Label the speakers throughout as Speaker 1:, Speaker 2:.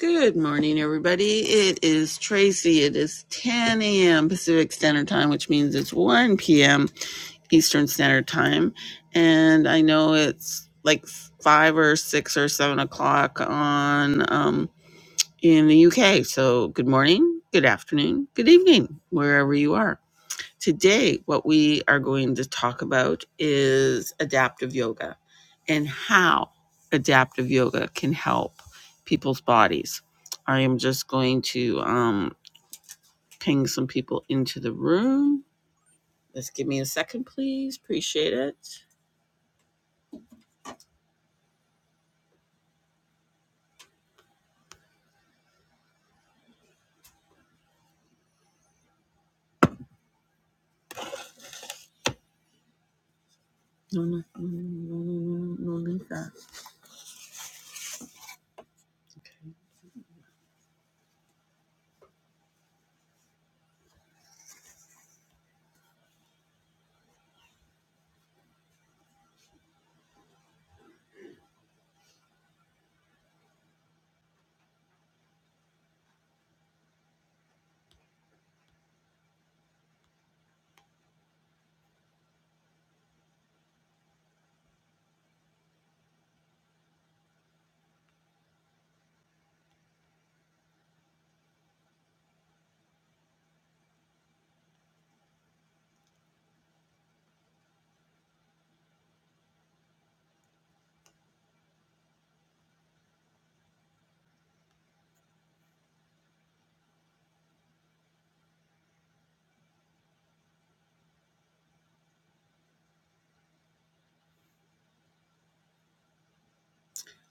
Speaker 1: Good morning, everybody. It is Tracy. It is 10 a.m. Pacific Standard Time, which means it's 1 p.m. Eastern Standard Time. And I know it's like five or six or seven o'clock on um, in the UK. So good morning, good afternoon, good evening, wherever you are.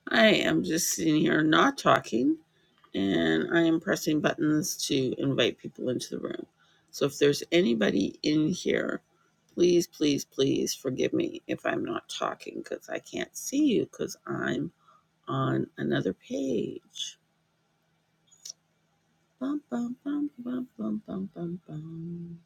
Speaker 1: I am just sitting here not talking, and I am pressing buttons to invite people into the room. So if there's anybody in here, please, please, please forgive me if I'm not talking because I can't see you because I'm on another page. Bum, bum, bum, bum, bum, bum, bum, bum.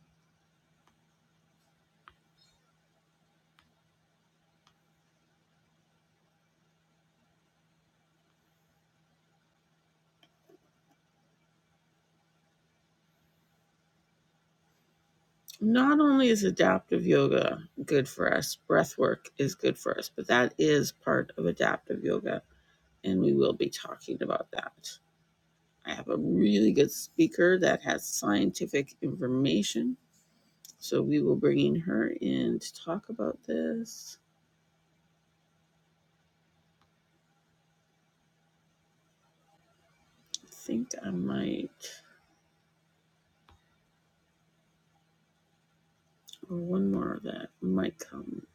Speaker 1: Not only is adaptive yoga good for us, breath work is good for us, but that is part of adaptive yoga, and we will be talking about that. I have a really good speaker that has scientific information. So we will bring in her in to talk about this. I think I might, or one more of that might come.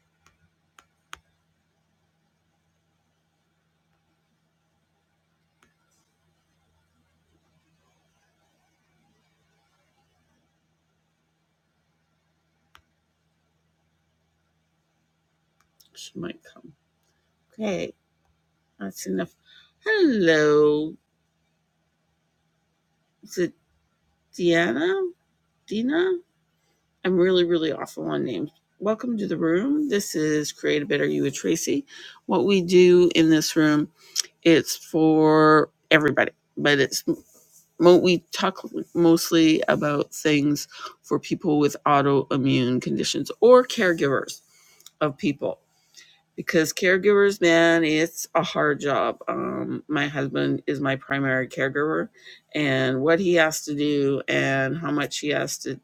Speaker 1: She might come. Okay, that's enough. Hello, is it Deanna? Dina? I'm really, really awful on names. Welcome to the room. This is Create a Better You with Tracy. What we do in this room, it's for everybody, but it's mo- we talk mostly about things for people with autoimmune conditions or caregivers of people because caregivers man it's a hard job um, my husband is my primary caregiver and what he has to do and how much he has to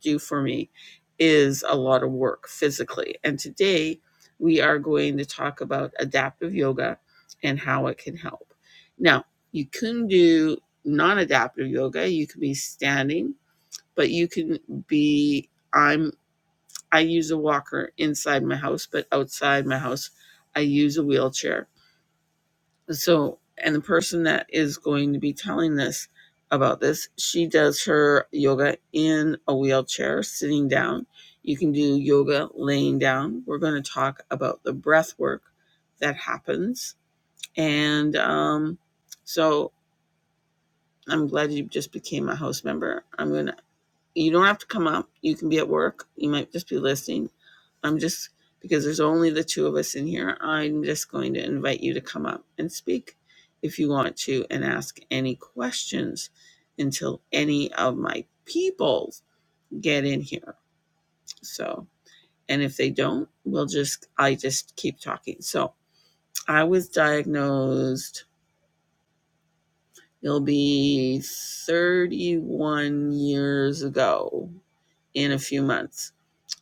Speaker 1: do for me is a lot of work physically. And today we are going to talk about adaptive yoga and how it can help. Now, you can do non adaptive yoga, you can be standing, but you can be, I'm, I use a walker inside my house, but outside my house, I use a wheelchair so, and the person that is going to be telling this about this, she does her yoga in a wheelchair, sitting down. You can do yoga laying down. We're going to talk about the breath work that happens. And um, so I'm glad you just became a house member. I'm going to you don't have to come up. You can be at work. You might just be listening. I'm just, because there's only the two of us in here, I'm just going to invite you to come up and speak if you want to and ask any questions until any of my people get in here. So, and if they don't, we'll just, I just keep talking. So I was diagnosed, it'll be 31 years ago in a few months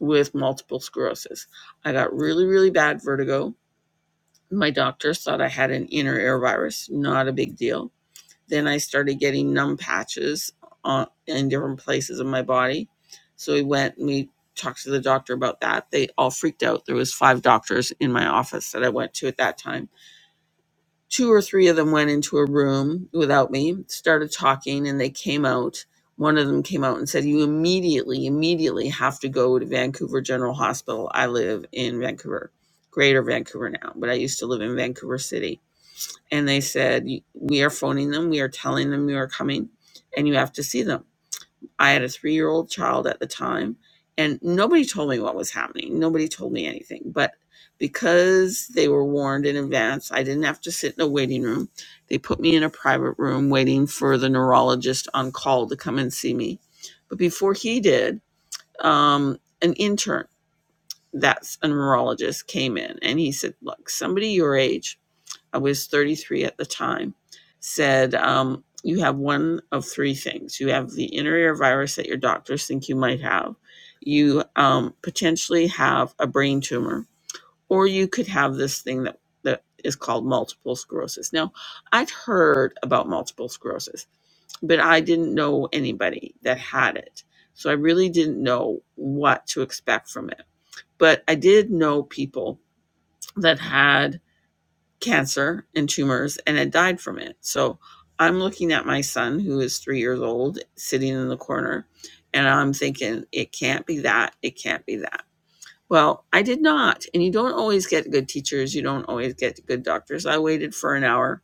Speaker 1: with multiple sclerosis. I got really, really bad vertigo. My doctors thought I had an inner ear virus, not a big deal. Then I started getting numb patches on, in different places of my body. So we went and we talked to the doctor about that. They all freaked out. There was five doctors in my office that I went to at that time two or three of them went into a room without me, started talking, and they came out. One of them came out and said, You immediately, immediately have to go to Vancouver General Hospital. I live in Vancouver, greater Vancouver now, but I used to live in Vancouver City. And they said, We are phoning them. We are telling them you are coming and you have to see them. I had a three year old child at the time, and nobody told me what was happening. Nobody told me anything. But because they were warned in advance, I didn't have to sit in a waiting room. They put me in a private room waiting for the neurologist on call to come and see me. But before he did, um, an intern that's a neurologist came in and he said, Look, somebody your age I was 33 at the time, said, um, You have one of three things. You have the inner ear virus that your doctors think you might have, you um, potentially have a brain tumor, or you could have this thing that, that is called multiple sclerosis. Now, I'd heard about multiple sclerosis, but I didn't know anybody that had it. So I really didn't know what to expect from it. But I did know people that had cancer and tumors and had died from it. So I'm looking at my son, who is three years old, sitting in the corner, and I'm thinking, it can't be that. It can't be that. Well, I did not. And you don't always get good teachers, you don't always get good doctors. I waited for an hour,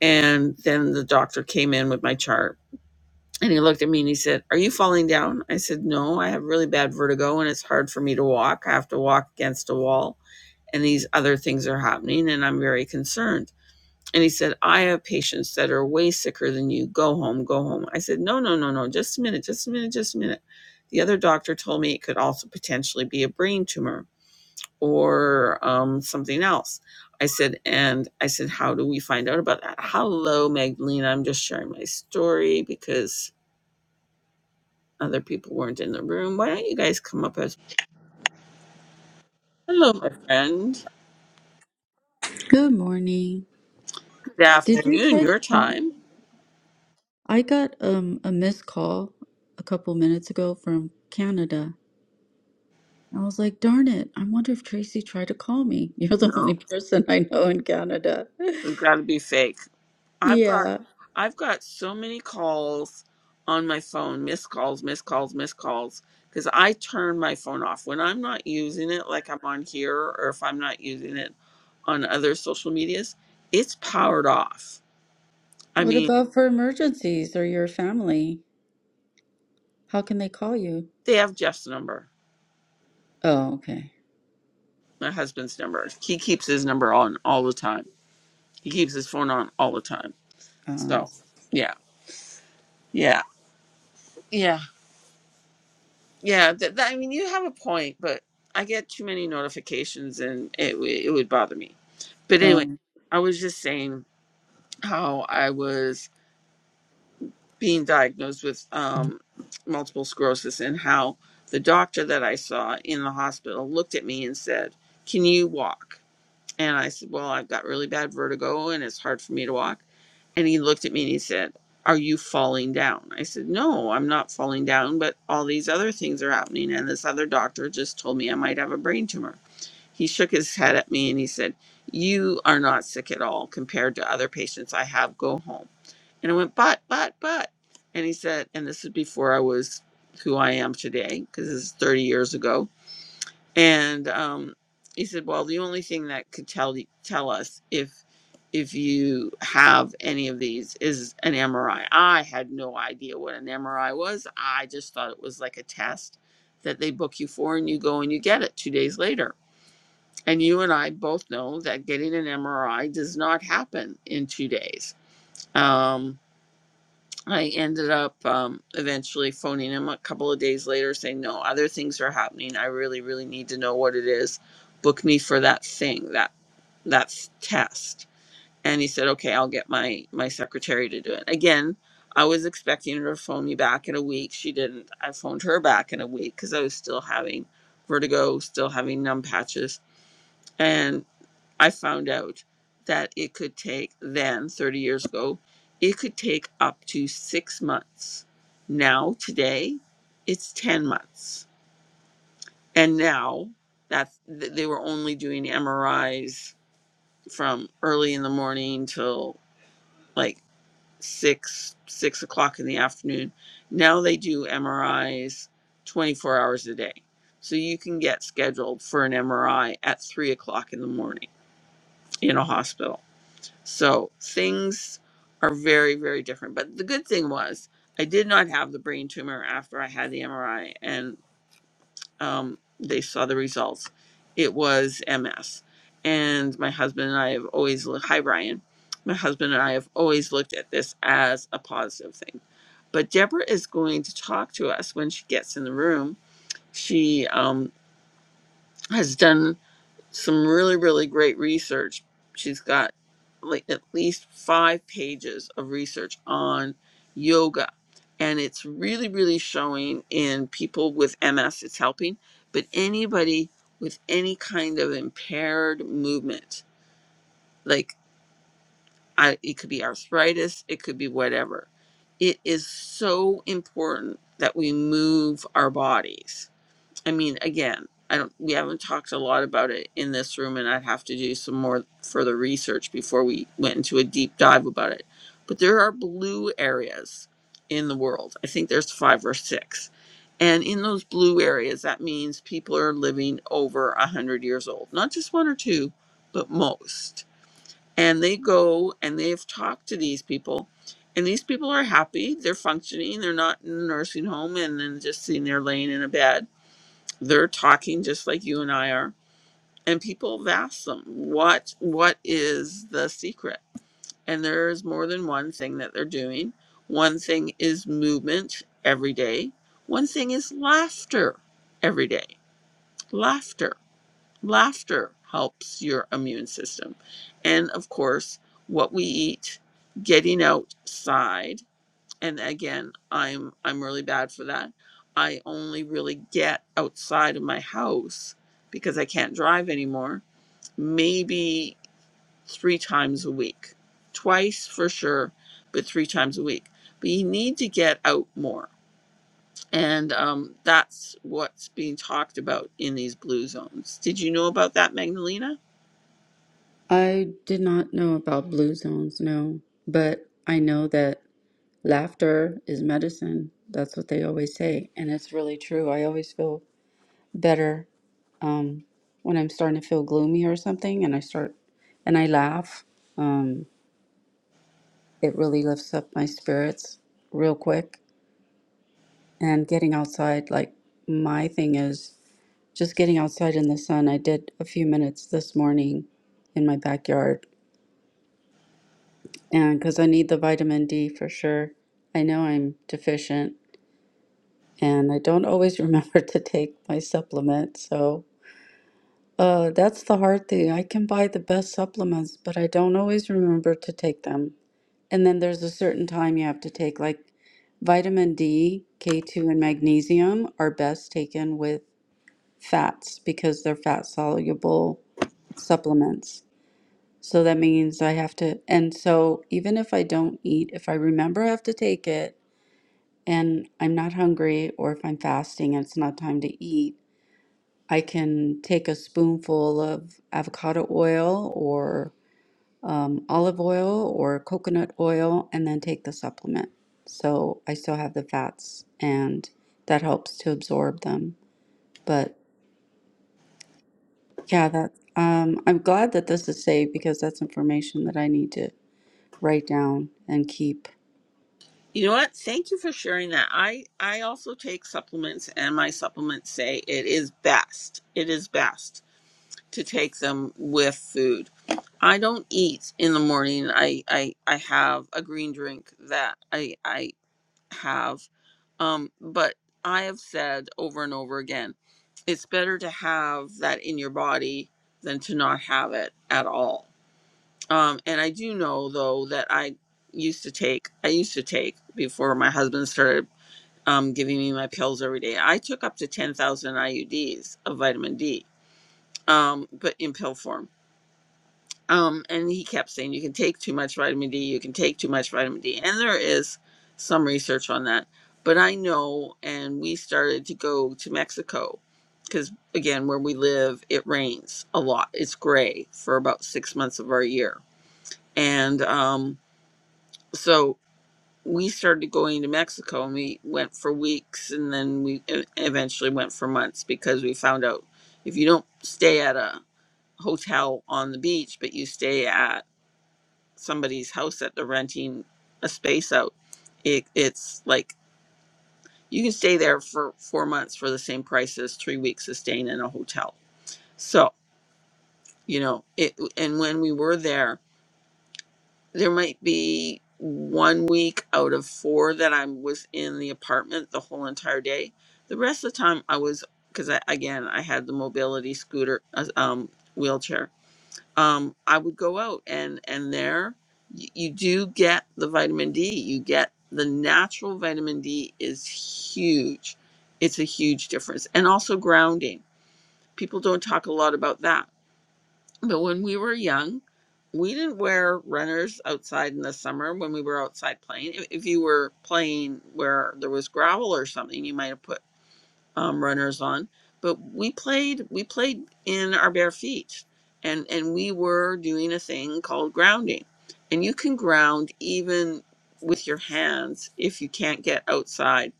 Speaker 1: and then the doctor came in with my chart. And he looked at me and he said, Are you falling down? I said, No, I have really bad vertigo and it's hard for me to walk. I have to walk against a wall and these other things are happening and I'm very concerned. And he said, I have patients that are way sicker than you. Go home, go home. I said, No, no, no, no. Just a minute, just a minute, just a minute. The other doctor told me it could also potentially be a brain tumor or um, something else. I said, And I said, How do we find out about that? Hello, Magdalena. I'm just sharing my story because other people weren't in the room. Why don't you guys come up as hello, my friend?
Speaker 2: Good morning.
Speaker 1: Good
Speaker 2: Did you
Speaker 1: afternoon,
Speaker 2: try to
Speaker 1: your
Speaker 2: call me?
Speaker 1: time.
Speaker 2: I got um a missed call a couple minutes ago from Canada. I was like, darn it, I wonder if Tracy tried to call me. You're the
Speaker 1: No,
Speaker 2: only person I know in Canada.
Speaker 1: it's got to be fake. I've got
Speaker 2: Yeah.
Speaker 1: I've got so many calls on my phone, missed calls, missed calls, missed calls, because I turn my phone off when I'm not using it, like I'm on here, or if I'm not using it on other social medias. It's powered off. I
Speaker 2: What
Speaker 1: mean,
Speaker 2: about for emergencies or your family? How can they call you?
Speaker 1: they have Jeff's number,
Speaker 2: Oh, okay.
Speaker 1: my husband's number. He keeps his number on all the time. He keeps his phone on all the time.
Speaker 2: Oh,
Speaker 1: So, yeah, yeah, yeah, yeah. That, that, I mean, you have a point, but I get too many notifications, and it w- it would bother me. But anyway,
Speaker 2: um,
Speaker 1: I was just saying how I was being diagnosed with um, multiple sclerosis and how the doctor that I saw in the hospital looked at me and said, Can you walk? And I said, Well, I've got really bad vertigo and it's hard for me to walk. And he looked at me and he said, Are you falling down? I said, No, I'm not falling down, but all these other things are happening. And this other doctor just told me I might have a brain tumor. He shook his head at me and he said, You are not sick at all compared to other patients I have. Go home. And I went, But, but, but. And he said, And this is before I was who I am today, because this is 30 years ago. And um, he said, Well, the only thing that could tell, tell us if if you have any of these is an MRI. I I had no idea what an MRI was. I just thought it was like a test that they book you for and you go and you get it two days later. And you and I both know that getting an MRI does not happen in two days. Um, I ended up um, eventually phoning him a couple of days later saying, No, other things are happening. I really, really need to know what it is. Book me for that thing, that that test. And he said, Okay, I'll get my, my secretary to do it. Again, I was expecting her to phone me back in a week. She didn't. I phoned her back in a week because I was still having vertigo, still having numb patches. and. I found out that it could take then, 30 years ago, it could take up to six months. Now, today, it's 10 months. And now that th- they were only doing MRIs from early in the morning till like six, six o'clock in the afternoon. Now they do MRIs 24 hours a day. So you can get scheduled for an MRI at three o'clock in the morning in a hospital So things are very, very different. But the good thing was, I did not have the brain tumor after I had the MRI, and um, they saw the results. It was MS. And my husband and I have always looked, hi, Brian. My husband and I have always looked at this as a positive thing. But Deborah is going to talk to us when she gets in the room. She um, has done some really really great research she's got like at least five pages of research on yoga and it's really really showing in people with ms it's helping but anybody with any kind of impaired movement like I, it could be arthritis it could be whatever it is so important that we move our bodies I mean, again, I don't. We haven't talked a lot about it in this room, and I'd have to do some more further research before we went into a deep dive about it. But there are blue areas in the world. I think there's five or six, and in those blue areas, that means people are living over a hundred years old. Not just one or two, but most. And they go and they've talked to these people, and these people are happy. They're functioning. They're not in a nursing home and then just sitting there laying in a bed they're talking just like you and I are. And people have asked them, what what is the secret? And there's more than one thing that they're doing. One thing is movement every day. One thing is laughter every day. Laughter. Laughter helps your immune system. And of course, what we eat, getting outside and again i'm i'm really bad for that i only really get outside of my house because i can't drive anymore maybe three times a week twice for sure but three times a week but you need to get out more and um, that's what's being talked about in these blue zones did you know about that magdalena
Speaker 2: I did not know about blue zones, no, but I know that laughter is medicine. That's what they always say, and it's really true. I always feel better um, when I'm starting to feel gloomy or something, and I start and I laugh. Um, it really lifts up my spirits real quick. And getting outside, like my thing is just getting outside in the sun. I did a few minutes this morning in my backyard, and because I need the vitamin D for sure. I know I'm deficient, and I don't always remember to take my supplement, so. Uh, that's the hard thing. I can buy the best supplements, but I don't always remember to take them. And then there's a certain time you have to take, like vitamin D, K2, and magnesium are best taken with fats because they're fat soluble supplements. So that means I have to, and so even if I don't eat, if I remember I have to take it and I'm not hungry or if I'm fasting and it's not time to eat, I can take a spoonful of avocado oil or um, olive oil or coconut oil and then take the supplement. So I still have the fats and that helps to absorb them. But yeah, that um, I'm glad that this is saved because that's information that I need to write down and keep.
Speaker 1: you know what thank you for sharing that i i also take supplements and my supplements say it is best it is best to take them with food. I don't eat in the morning. I I, I have a green drink that I I have. Um, but I have said over and over again, it's better to have that in your body than to not have it at all. Um, and I do know though that I used to take I used to take before my husband started um, giving me my pills every day. I took up to ten thousand IUDs of vitamin D, um, but in pill form Um, and he kept saying you can take too much vitamin D, you can take too much vitamin D, and there is some research on that. But I know, and we started to go to Mexico because, again, where we live, it rains a lot. It's gray for about six months of our year, and um, so we started going to Mexico, and we went for weeks, and then we e- eventually went for months because we found out if you don't stay at a hotel on the beach, but you stay at somebody's house that they're renting a space out. It, it's like you can stay there for four months for the same price as three weeks of staying in a hotel. So, you know, it, and when we were there, there might be one week out of four that I was in the apartment the whole entire day. The rest of the time I was, because I, again, I had the mobility scooter, uh, um, wheelchair. um, I would go out and and there y- you do get the vitamin D. You get the natural vitamin D is huge. It's a huge difference, and also grounding. People don't talk a lot about that, but when we were young, we didn't wear runners outside in the summer when we were outside playing. If if you were playing where there was gravel or something, you might have put um, runners on, but we played we played in our bare feet, and and we were doing a thing called grounding, and you can ground even with your hands if you can't get outside.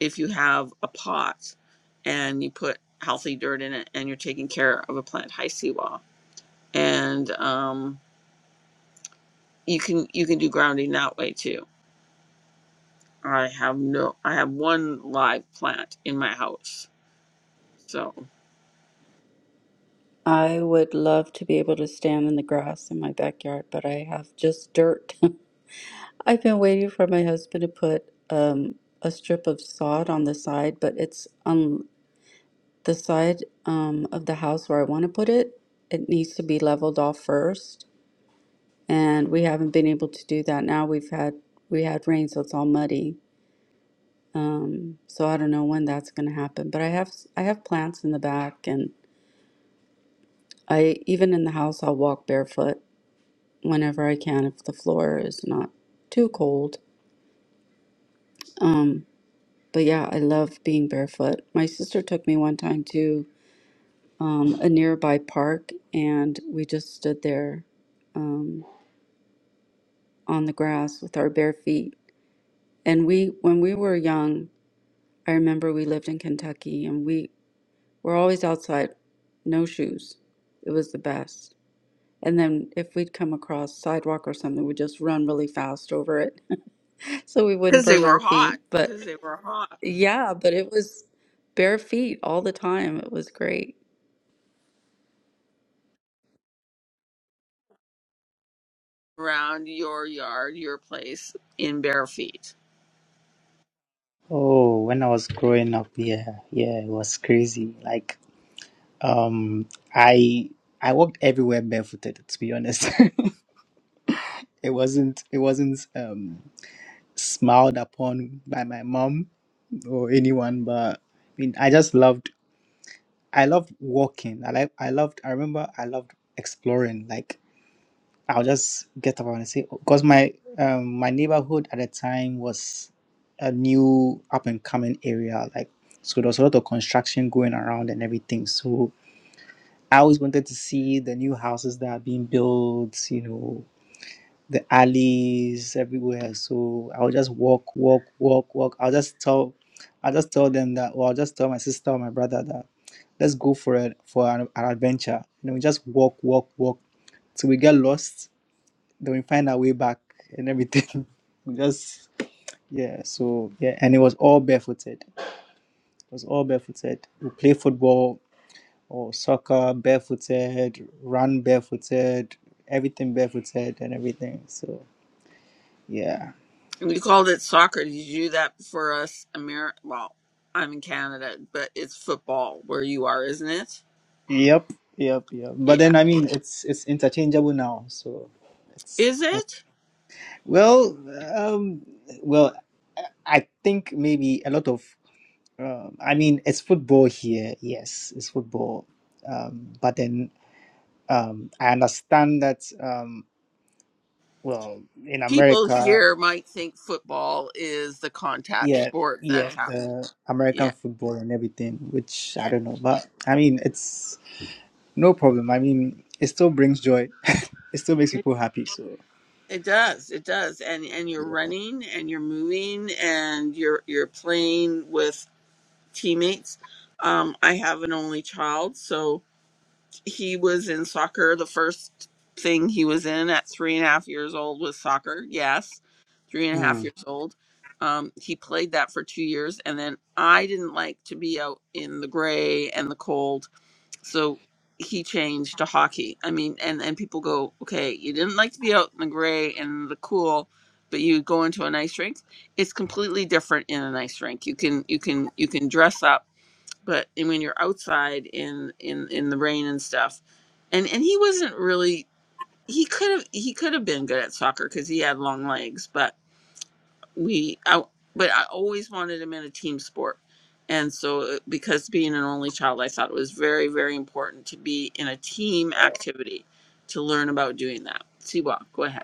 Speaker 1: If you have a pot, and you put healthy dirt in it, and you're taking care of a plant high seawall, and um, you can you can do grounding that way too. I have no I have one live plant in my house, so
Speaker 2: I would love to be able to stand in the grass in my backyard, but I have just dirt I've been waiting for my husband to put um, a strip of sod on the side, but it's on the side um, of the house where I want to put it. It needs to be leveled off first, and we haven't been able to do that. Now we've had we had rain, so it's all muddy. Um, so I don't know when that's going to happen. But I have I have plants in the back, and I even in the house I'll walk barefoot whenever I can if the floor is not too cold. Um, But yeah, I love being barefoot. My sister took me one time to um, a nearby park, and we just stood there um, on the grass with our bare feet. And we, when we were young, I remember we lived in Kentucky, and we were always outside, no shoes. It was the best. And then if we'd come across sidewalk or something, we'd just run really fast over it, so we wouldn't
Speaker 1: because they
Speaker 2: burn
Speaker 1: were
Speaker 2: our
Speaker 1: hot
Speaker 2: feet. But
Speaker 1: because they were hot.
Speaker 2: yeah, but it was bare feet all the time. It was great.
Speaker 1: around your yard, your place, in bare feet.
Speaker 3: Oh, when I was growing up, yeah, yeah, it was crazy. Like, um, I I walked everywhere barefooted, to be honest. it wasn't it wasn't um smiled upon by my mom or anyone, but I mean, I just loved I loved walking. I like I loved I remember I loved exploring. Like I'll just get up and say because my um, my neighborhood at the time was a new up and coming area, like so there was a lot of construction going around and everything. So I always wanted to see the new houses that are being built, you know, the alleys everywhere. So I'll just walk, walk, walk, walk. I'll just tell I'll just tell them that or I'll just tell my sister or my brother that let's go for it for an, an adventure. You know, we just walk, walk, walk till we get lost then we find our way back and everything. We just yeah, so yeah, and it was all barefooted. It was all barefooted. We play football or soccer barefooted, run barefooted, everything barefooted and everything. So yeah.
Speaker 1: And we called it soccer. Did you do that for us? Ameri- well, I'm in Canada, but it's football where you are, isn't it?
Speaker 3: Yep, yep, yep. But
Speaker 1: Yeah.
Speaker 3: then I mean it's it's interchangeable now, so it's
Speaker 1: Is it?
Speaker 3: well um well I I think maybe a lot of, um, I mean, it's football here. Yes, it's football. Um, but then um, I understand that um, well in
Speaker 1: People
Speaker 3: America,
Speaker 1: here might think football is the contact
Speaker 3: yeah,
Speaker 1: sport
Speaker 3: yeah,
Speaker 1: that's happening.
Speaker 3: the American
Speaker 1: Yeah,
Speaker 3: football and everything, which I
Speaker 1: yeah.
Speaker 3: don't know, but I mean it's no problem. I mean it still brings joy. it still makes
Speaker 1: It,
Speaker 3: people happy. So
Speaker 1: it does. It does. And and you're running and you're moving and you're you're playing with teammates. Um, I have an only child, so he was in soccer. The first thing he was in at three and a half years old was soccer. Yes, three and a half
Speaker 3: Mm.
Speaker 1: years old. Um, he played that for two years, and then I didn't like to be out in the gray and the cold, so he changed to hockey. I mean, and and people go, okay, you didn't like to be out in the gray and the cool, but you go into an ice rink. It's completely different in an ice rink. You can you can you can dress up but and when you're outside in in in the rain and stuff and and he wasn't really he could have he could have been good at soccer because he had long legs but we I, but i always wanted him in a team sport and so uh, because being an only child i thought it was very very important to be in a team activity to learn about doing that siwa go ahead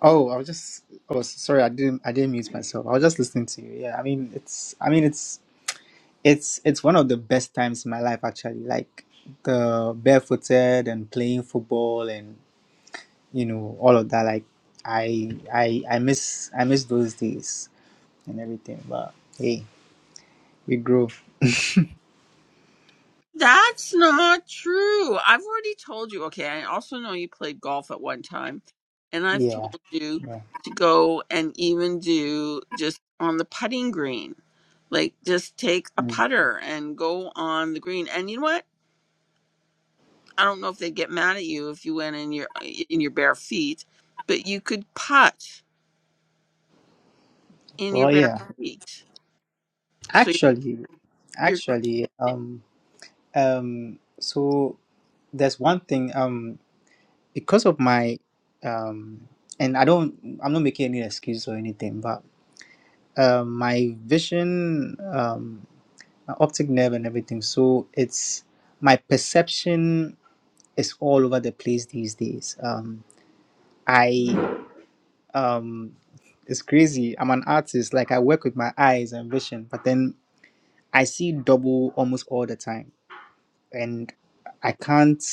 Speaker 3: oh, I was just oh s- sorry, I didn't I didn't mute myself. I was just listening to you. Yeah, I mean it's I mean it's it's it's one of the best times in my life actually. Like the barefooted and playing football and. you know all of that like i i i miss i miss those days and everything but hey we grow
Speaker 1: That's not true. I've already told you. Okay, I also know you played golf at one time, and I've
Speaker 3: yeah
Speaker 1: told you
Speaker 3: yeah
Speaker 1: to go and even do just on the putting green. Like, just take a
Speaker 3: Mm.
Speaker 1: putter and go on the green. And you know what? I don't know if they'd get mad at you if you went in your in your bare feet, but you could putt in your
Speaker 3: well
Speaker 1: bare
Speaker 3: yeah
Speaker 1: feet. So
Speaker 3: actually
Speaker 1: you're
Speaker 3: actually um um so there's one thing um because of my um and i don't i'm not making any excuse or anything but um my vision um my optic nerve and everything so it's my perception is all over the place these days. Um, I um it's crazy. I'm an artist. Like I work with my eyes and vision, but then I see double almost all the time. And I can't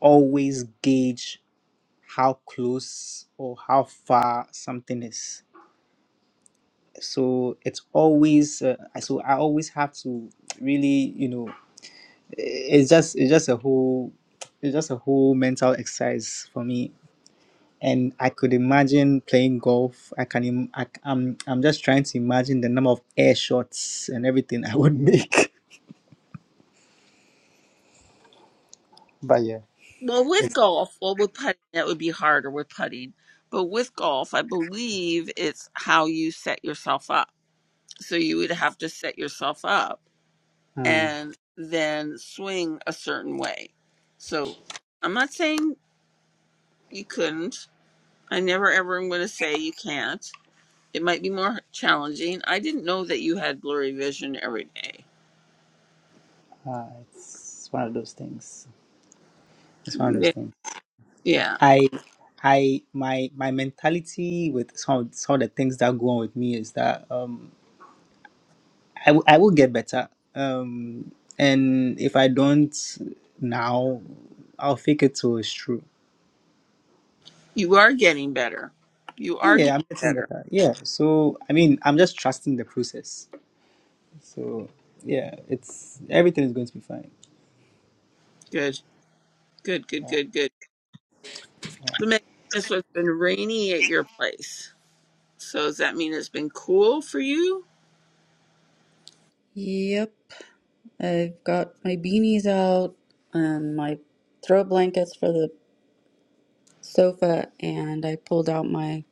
Speaker 3: always gauge how close or how far something is. So it's always uh, so I always have to really, you know, it's just it's just a whole it's just a whole mental exercise for me and I could imagine playing golf. I can. Im- I, am I'm I'm just trying to imagine the number of air shots and everything I would make. But yeah,
Speaker 1: Well, with
Speaker 3: it's
Speaker 1: golf, well, with putting, that would be harder with putting. But with golf, I believe it's how you set yourself up. So you would have to set yourself up
Speaker 3: uh,
Speaker 1: and then swing a certain way. So I'm not saying you couldn't. I never ever am going to say you can't. It might be more challenging. I didn't know that you had blurry vision every day.
Speaker 3: uh, it's one of those things. It's one of those
Speaker 1: Yeah.
Speaker 3: things.
Speaker 1: Yeah.
Speaker 3: I I my my mentality with some of, some of the things that go on with me is that um I w- I will get better. Um, and if I don't now, I'll fake it till it's true
Speaker 1: You are getting better. You
Speaker 3: Yeah,
Speaker 1: are
Speaker 3: yeah,
Speaker 1: getting
Speaker 3: I'm getting
Speaker 1: better.
Speaker 3: better. Yeah, so I mean, I'm just trusting the process. So yeah, it's everything is going to be fine.
Speaker 1: Good. Good, good, good, good. So, Megan, so it's been rainy at your place. So, does that mean it's been cool for you?
Speaker 2: Yep, I've got my beanies out and my throw blankets for the sofa, and I pulled out my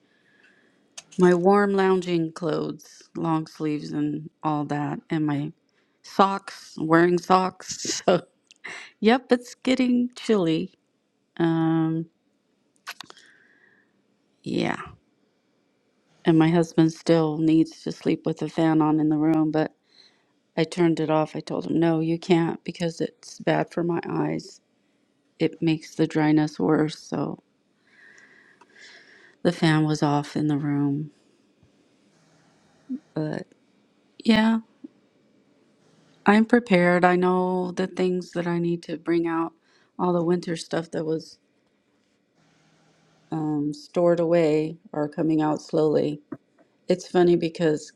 Speaker 2: my warm lounging clothes, long sleeves and all that, and my socks, wearing socks. So, yep, it's getting chilly. Um, yeah, and my husband still needs to sleep with the fan on in the room, but I turned it off. I told him, "No, you can't because it's bad for my eyes. It makes the dryness worse." So, The fan was off in the room. But yeah, I'm prepared. I know the things that I need to bring out. All the winter stuff that was um, stored away are coming out slowly. It's funny because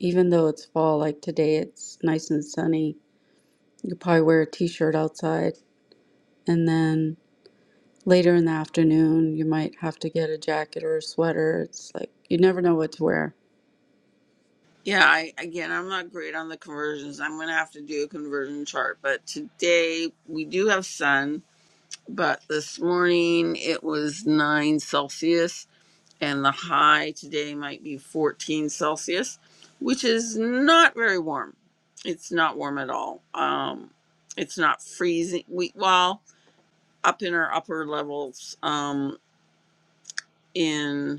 Speaker 2: even though it's fall, like today, it's nice and sunny. You probably wear a t shirt outside. And then later in the afternoon, you might have to get a jacket or a sweater. It's like you never know what to wear.
Speaker 1: Yeah, I, again, I'm not great on the conversions. I'm going to have to do a conversion chart. But today we do have sun, but this morning it was 9 Celsius, and the high today might be 14 Celsius, which is not very warm. It's not warm at all. Um, it's not freezing. We, well, up in our upper levels, um, in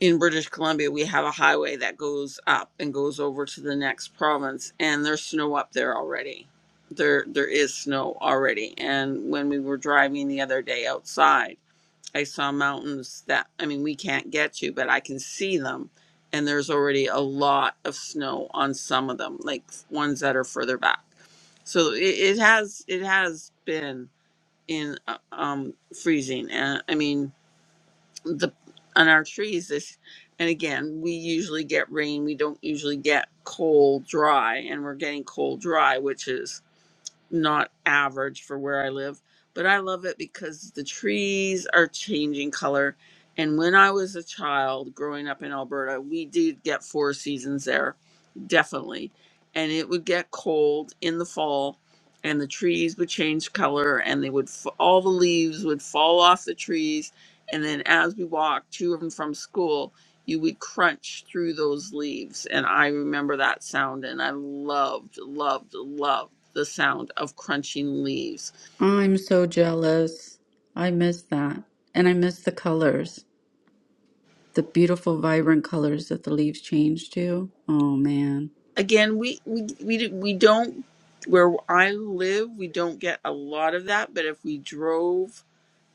Speaker 1: in British Columbia, we have a highway that goes up and goes over to the next province, and there's snow up there already. There, there is snow already. And when we were driving the other day outside, I saw mountains that I mean, we can't get to, but I can see them, and there's already a lot of snow on some of them, like ones that are further back. So it, it has, it has been in uh, um, freezing. And I mean, the on our trees this and again we usually get rain we don't usually get cold dry and we're getting cold dry which is not average for where I live, but I love it because the trees are changing color. And when I was a child growing up in Alberta, we did get four seasons there, definitely. And it would get cold in the fall, and the trees would change color, and they would f- all the leaves would fall off the trees. And then as we walked to and from school, you would crunch through those leaves and i remember that sound and i loved loved loved the sound of crunching leaves
Speaker 2: I'm so jealous. I miss that. And I miss the colors. the beautiful vibrant colors that the leaves change to. Oh man.
Speaker 1: again we we we, we don't where i live we don't get a lot of that but if we drove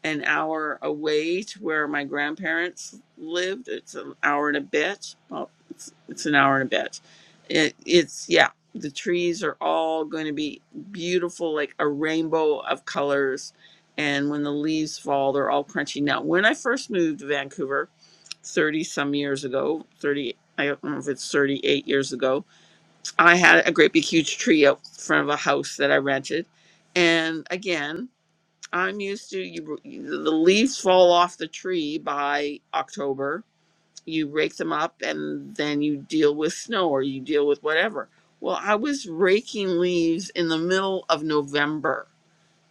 Speaker 1: an hour away to where my grandparents lived. It's an hour and a bit. Well, it's, it's an hour and a bit. It, it's, yeah, the trees are all going to be beautiful, like a rainbow of colors. And when the leaves fall, they're all crunchy. Now, when I first moved to Vancouver 30 some years ago, 30, I don't know if it's 38 years ago, I had a great big huge tree out front of a house that I rented. And again, I'm used to you, you. The leaves fall off the tree by October. You rake them up, and then you deal with snow or you deal with whatever. Well, I was raking leaves in the middle of November,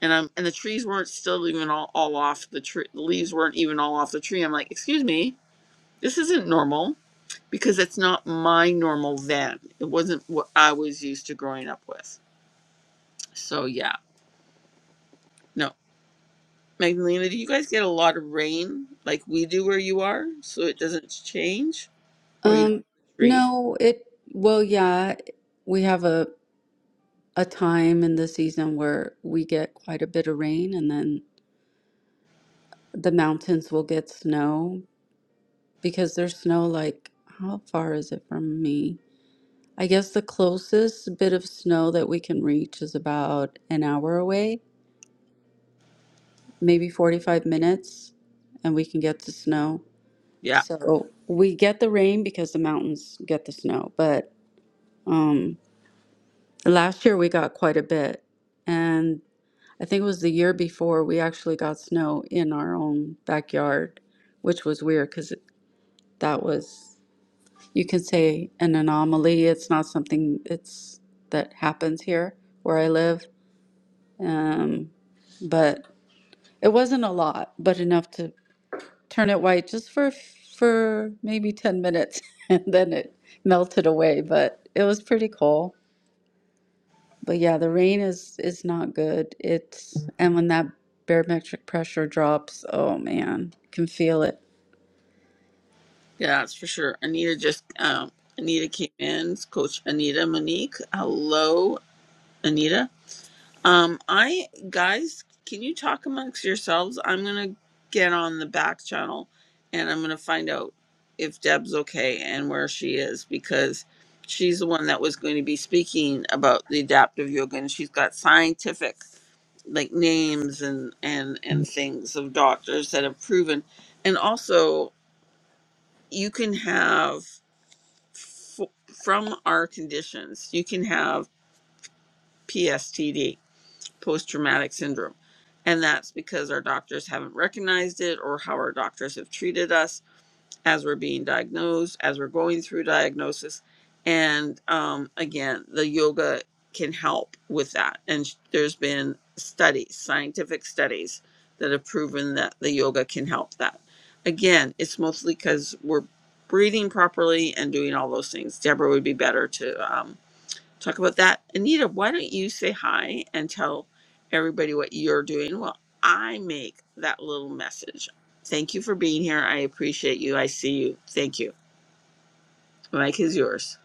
Speaker 1: and I'm and the trees weren't still even all, all off the tree. The leaves weren't even all off the tree. I'm like, excuse me, this isn't normal because it's not my normal then. It wasn't what I was used to growing up with. So yeah, no. Magdalena, do you guys get a lot of rain like we do where you are, so it doesn't change, or you don't
Speaker 2: Um
Speaker 1: have the trees?
Speaker 2: no, it well yeah, we have a a time in the season where we get quite a bit of rain and then the mountains will get snow because there's snow like how far is it from me? I guess the closest bit of snow that we can reach is about an hour away, maybe 45 minutes, and we can get to snow.
Speaker 1: Yeah,
Speaker 2: So we get the rain because the mountains get the snow, but um, last year we got quite a bit. And I think it was the year before we actually got snow in our own backyard, which was weird because that was, you can say, an anomaly. It's not something it's that happens here where I live. Um, but it wasn't a lot, but enough to. turn it white just for for maybe 10 minutes and then it melted away but it was pretty cool but yeah the rain is is not good it's and when that barometric pressure drops oh man can feel it
Speaker 1: yeah, that's for sure. Anita just, um, Anita came in. Coach Anita Monique. Hello, Anita. Um, I guys, can you talk amongst yourselves? I'm gonna get on the back channel, and I'm gonna find out if Deb's okay and where she is because she's the one that was going to be speaking about the adaptive yoga, and she's got scientific like names and and and things of doctors that have proven and also you can have f- from our conditions you can have PSTD post traumatic syndrome and that's because our doctors haven't recognized it or how our doctors have treated us as we're being diagnosed, as we're going through diagnosis. And um, again, the yoga can help with that. And sh- there's been studies, scientific studies, that have proven that the yoga can help that. Again, it's mostly because we're breathing properly and doing all those things. Deborah would be better to. um, talk about that. Anita, why don't you say hi and tell everybody what you're doing while I make that little message? Thank you for being here. I appreciate you. I see you. Thank you. Mike is yours.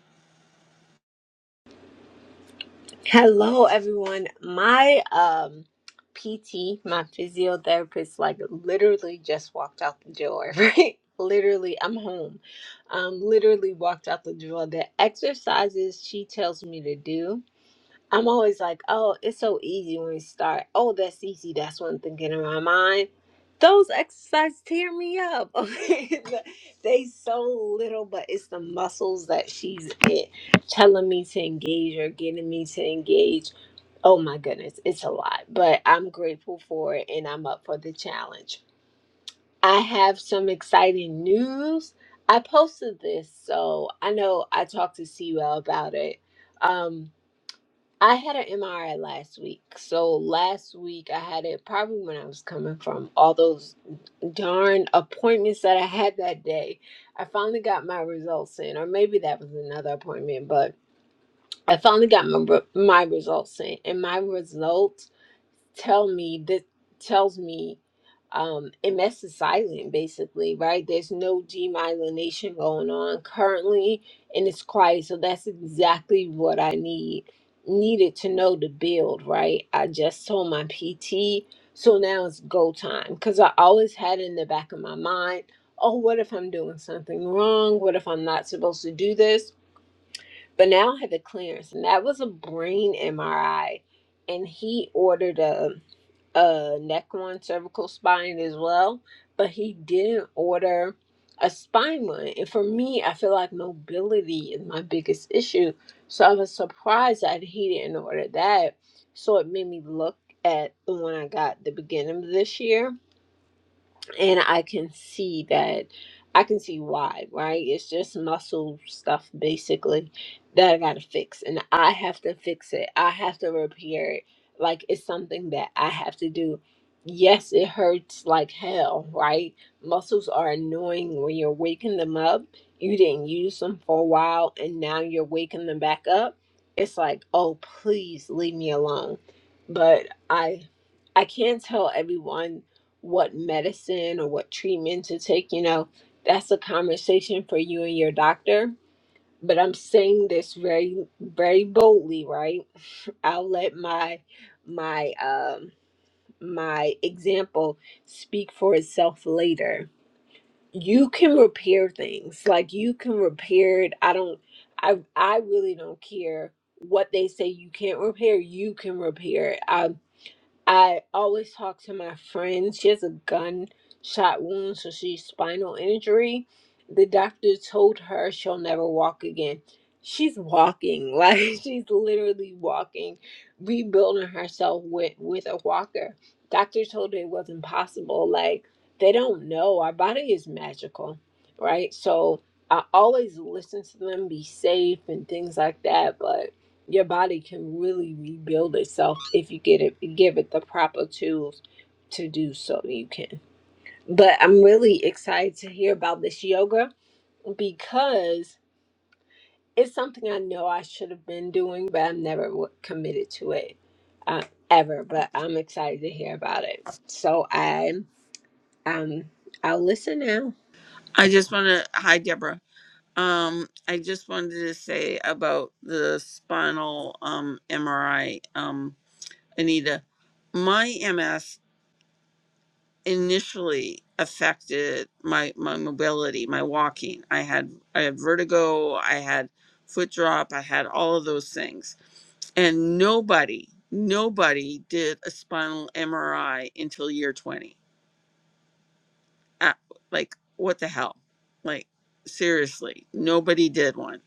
Speaker 4: Hello, everyone. My um, PT, my physiotherapist, like literally just walked out the door, right? Literally, I'm home. Um, literally walked out the door. The exercises she tells me to do. I'm always like, oh, it's so easy when we start. Oh, that's easy. That's one thing getting in my mind. Those exercises tear me up. Okay, they so little, but it's the muscles that she's it telling me to engage or getting me to engage. Oh my goodness, it's a lot, but I'm grateful for it and I'm up for the challenge. I have some exciting news. I posted this, so I know I talked to Sewell about it. Um, I had an MRI last week. So last week I had it probably when I was coming from all those darn appointments that I had that day. I finally got my results in, or maybe that was another appointment, but I finally got my re- my results in, and my results tell me that tells me um MS is silent basically, right? There's no demyelination going on currently and it's quiet. So that's exactly what I need needed to know to build, right? I just told my PT, so now it's go time. Cause I always had in the back of my mind, oh what if I'm doing something wrong? What if I'm not supposed to do this? But now I had the clearance and that was a brain MRI and he ordered a uh neck one cervical spine as well but he didn't order a spine one and for me i feel like mobility is my biggest issue so i was surprised that he didn't order that so it made me look at the one i got at the beginning of this year and I can see that I can see why, right? It's just muscle stuff basically that I gotta fix, and I have to fix it. I have to repair it. Like it's something that I have to do. Yes, it hurts like hell, right? Muscles are annoying when you're waking them up. You didn't use them for a while, and now you're waking them back up. It's like, oh, please leave me alone. But I, I can't tell everyone what medicine or what treatment to take, you know, that's a conversation for you and your doctor. But I'm saying this very, very boldly, right? I'll let my my um my example speak for itself later. You can repair things. Like you can repair it. I don't I I really don't care what they say you can't repair, you can repair it. I. I always talk to my friend. She has a gunshot wound, so she's spinal injury. The doctor told her she'll never walk again. She's walking, like she's literally walking, rebuilding herself with with a walker. Doctor told her it wasn't possible. Like they don't know. Our body is magical, right? So I always listen to them, be safe and things like that. But your body can really rebuild itself if you get it give it the proper tools to do so you can but i'm really excited to hear about this yoga because it's something i know i should have been doing but i've never w- committed to it uh, ever but i'm excited to hear about it so i um i'll listen now
Speaker 1: I just want to, hi, Deborah. Um, I just wanted to say about the spinal um, MRI, um, Anita. My MS initially affected my my mobility, my walking. I had I had vertigo, I had foot drop, I had all of those things. And nobody, nobody did a spinal MRI until year 20. Ah, Like what the hell? Like seriously, nobody did one.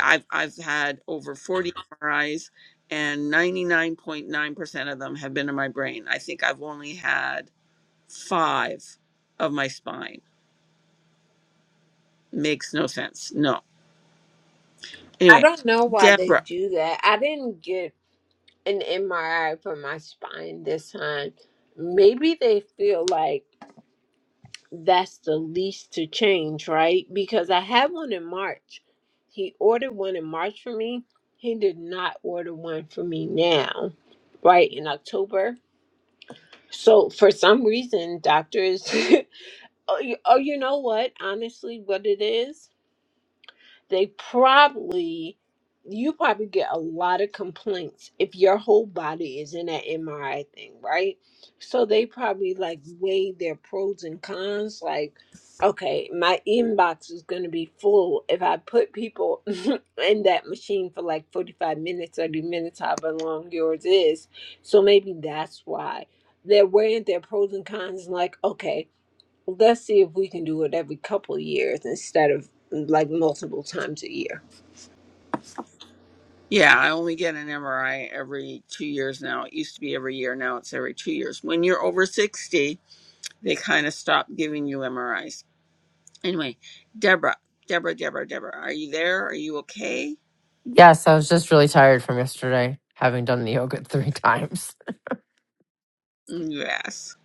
Speaker 1: I've I've had over 40 MRIs and 99.9% of them have been in my brain. I think I've only had 5 of my spine makes no sense. No.
Speaker 4: i
Speaker 1: Anyway,
Speaker 4: don't know why they
Speaker 1: Deborah.
Speaker 4: do that i didn't get an mri for my spine this time maybe they feel like that's the least to change, right? Because I had one in March. He ordered one in March for me. He did not order one for me now, right? In October. So for some reason, doctors, oh, you, oh, you know what? Honestly, what it is? they probably you probably get a lot of complaints if your whole body is in that MRI thing, right? So they probably like weigh their pros and cons like okay, my inbox is going to be full if I put people in that machine for like 45 minutes, 30 minutes however long yours is. So maybe that's why they're weighing their pros and cons like okay, Let's see if we can do it every couple of years instead of like multiple times a year.
Speaker 1: Yeah, I only get an MRI every two years now. It used to be every year. Now it's every two years. When you're over 60, they kind of stop giving you MRIs. Anyway, Deborah, Deborah, Deborah, Deborah, are you there? Are you okay?
Speaker 5: Yes, I was just really tired from yesterday, having done the yoga three times.
Speaker 1: Mm, Yes.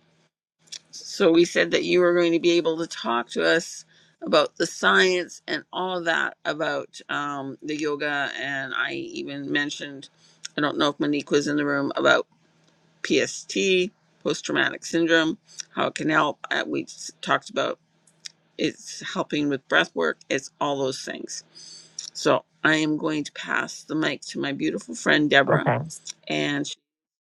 Speaker 1: So we said that you were going to be able to talk to us about the science and all that about um, the yoga. And I even mentioned, I don't know if Monique was in the room, about. PST, post traumatic syndrome, how it can help. Uh, We s- talked about it's helping with breath work, it's all those things. So I am going to pass the mic to my beautiful friend Deborah,
Speaker 5: Okay.
Speaker 1: and she's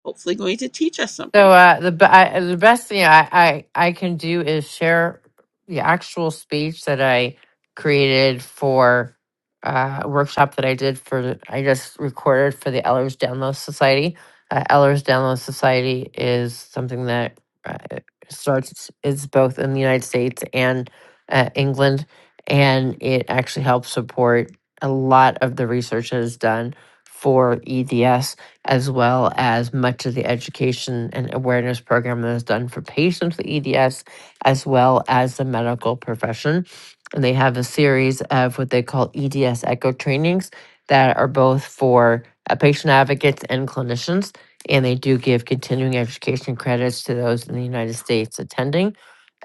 Speaker 1: hopefully going to teach us
Speaker 5: So
Speaker 1: something.
Speaker 5: uh, the be- I, the best thing I, I I can do is share the actual speech that I created for uh, a workshop that I did for the- I just recorded for the Ellers Download Society. Uh, Ellers Download Society is something that uh, it starts is both in the United States and uh, England, and it actually helps support a lot of the research that is done for EDS as well as much of the education and awareness program that is done for patients with EDS, as well as the medical profession. And they have a series of what they call EDS echo trainings that are both for uh, patient advocates and clinicians. And they do give continuing education credits to those in the United States attending.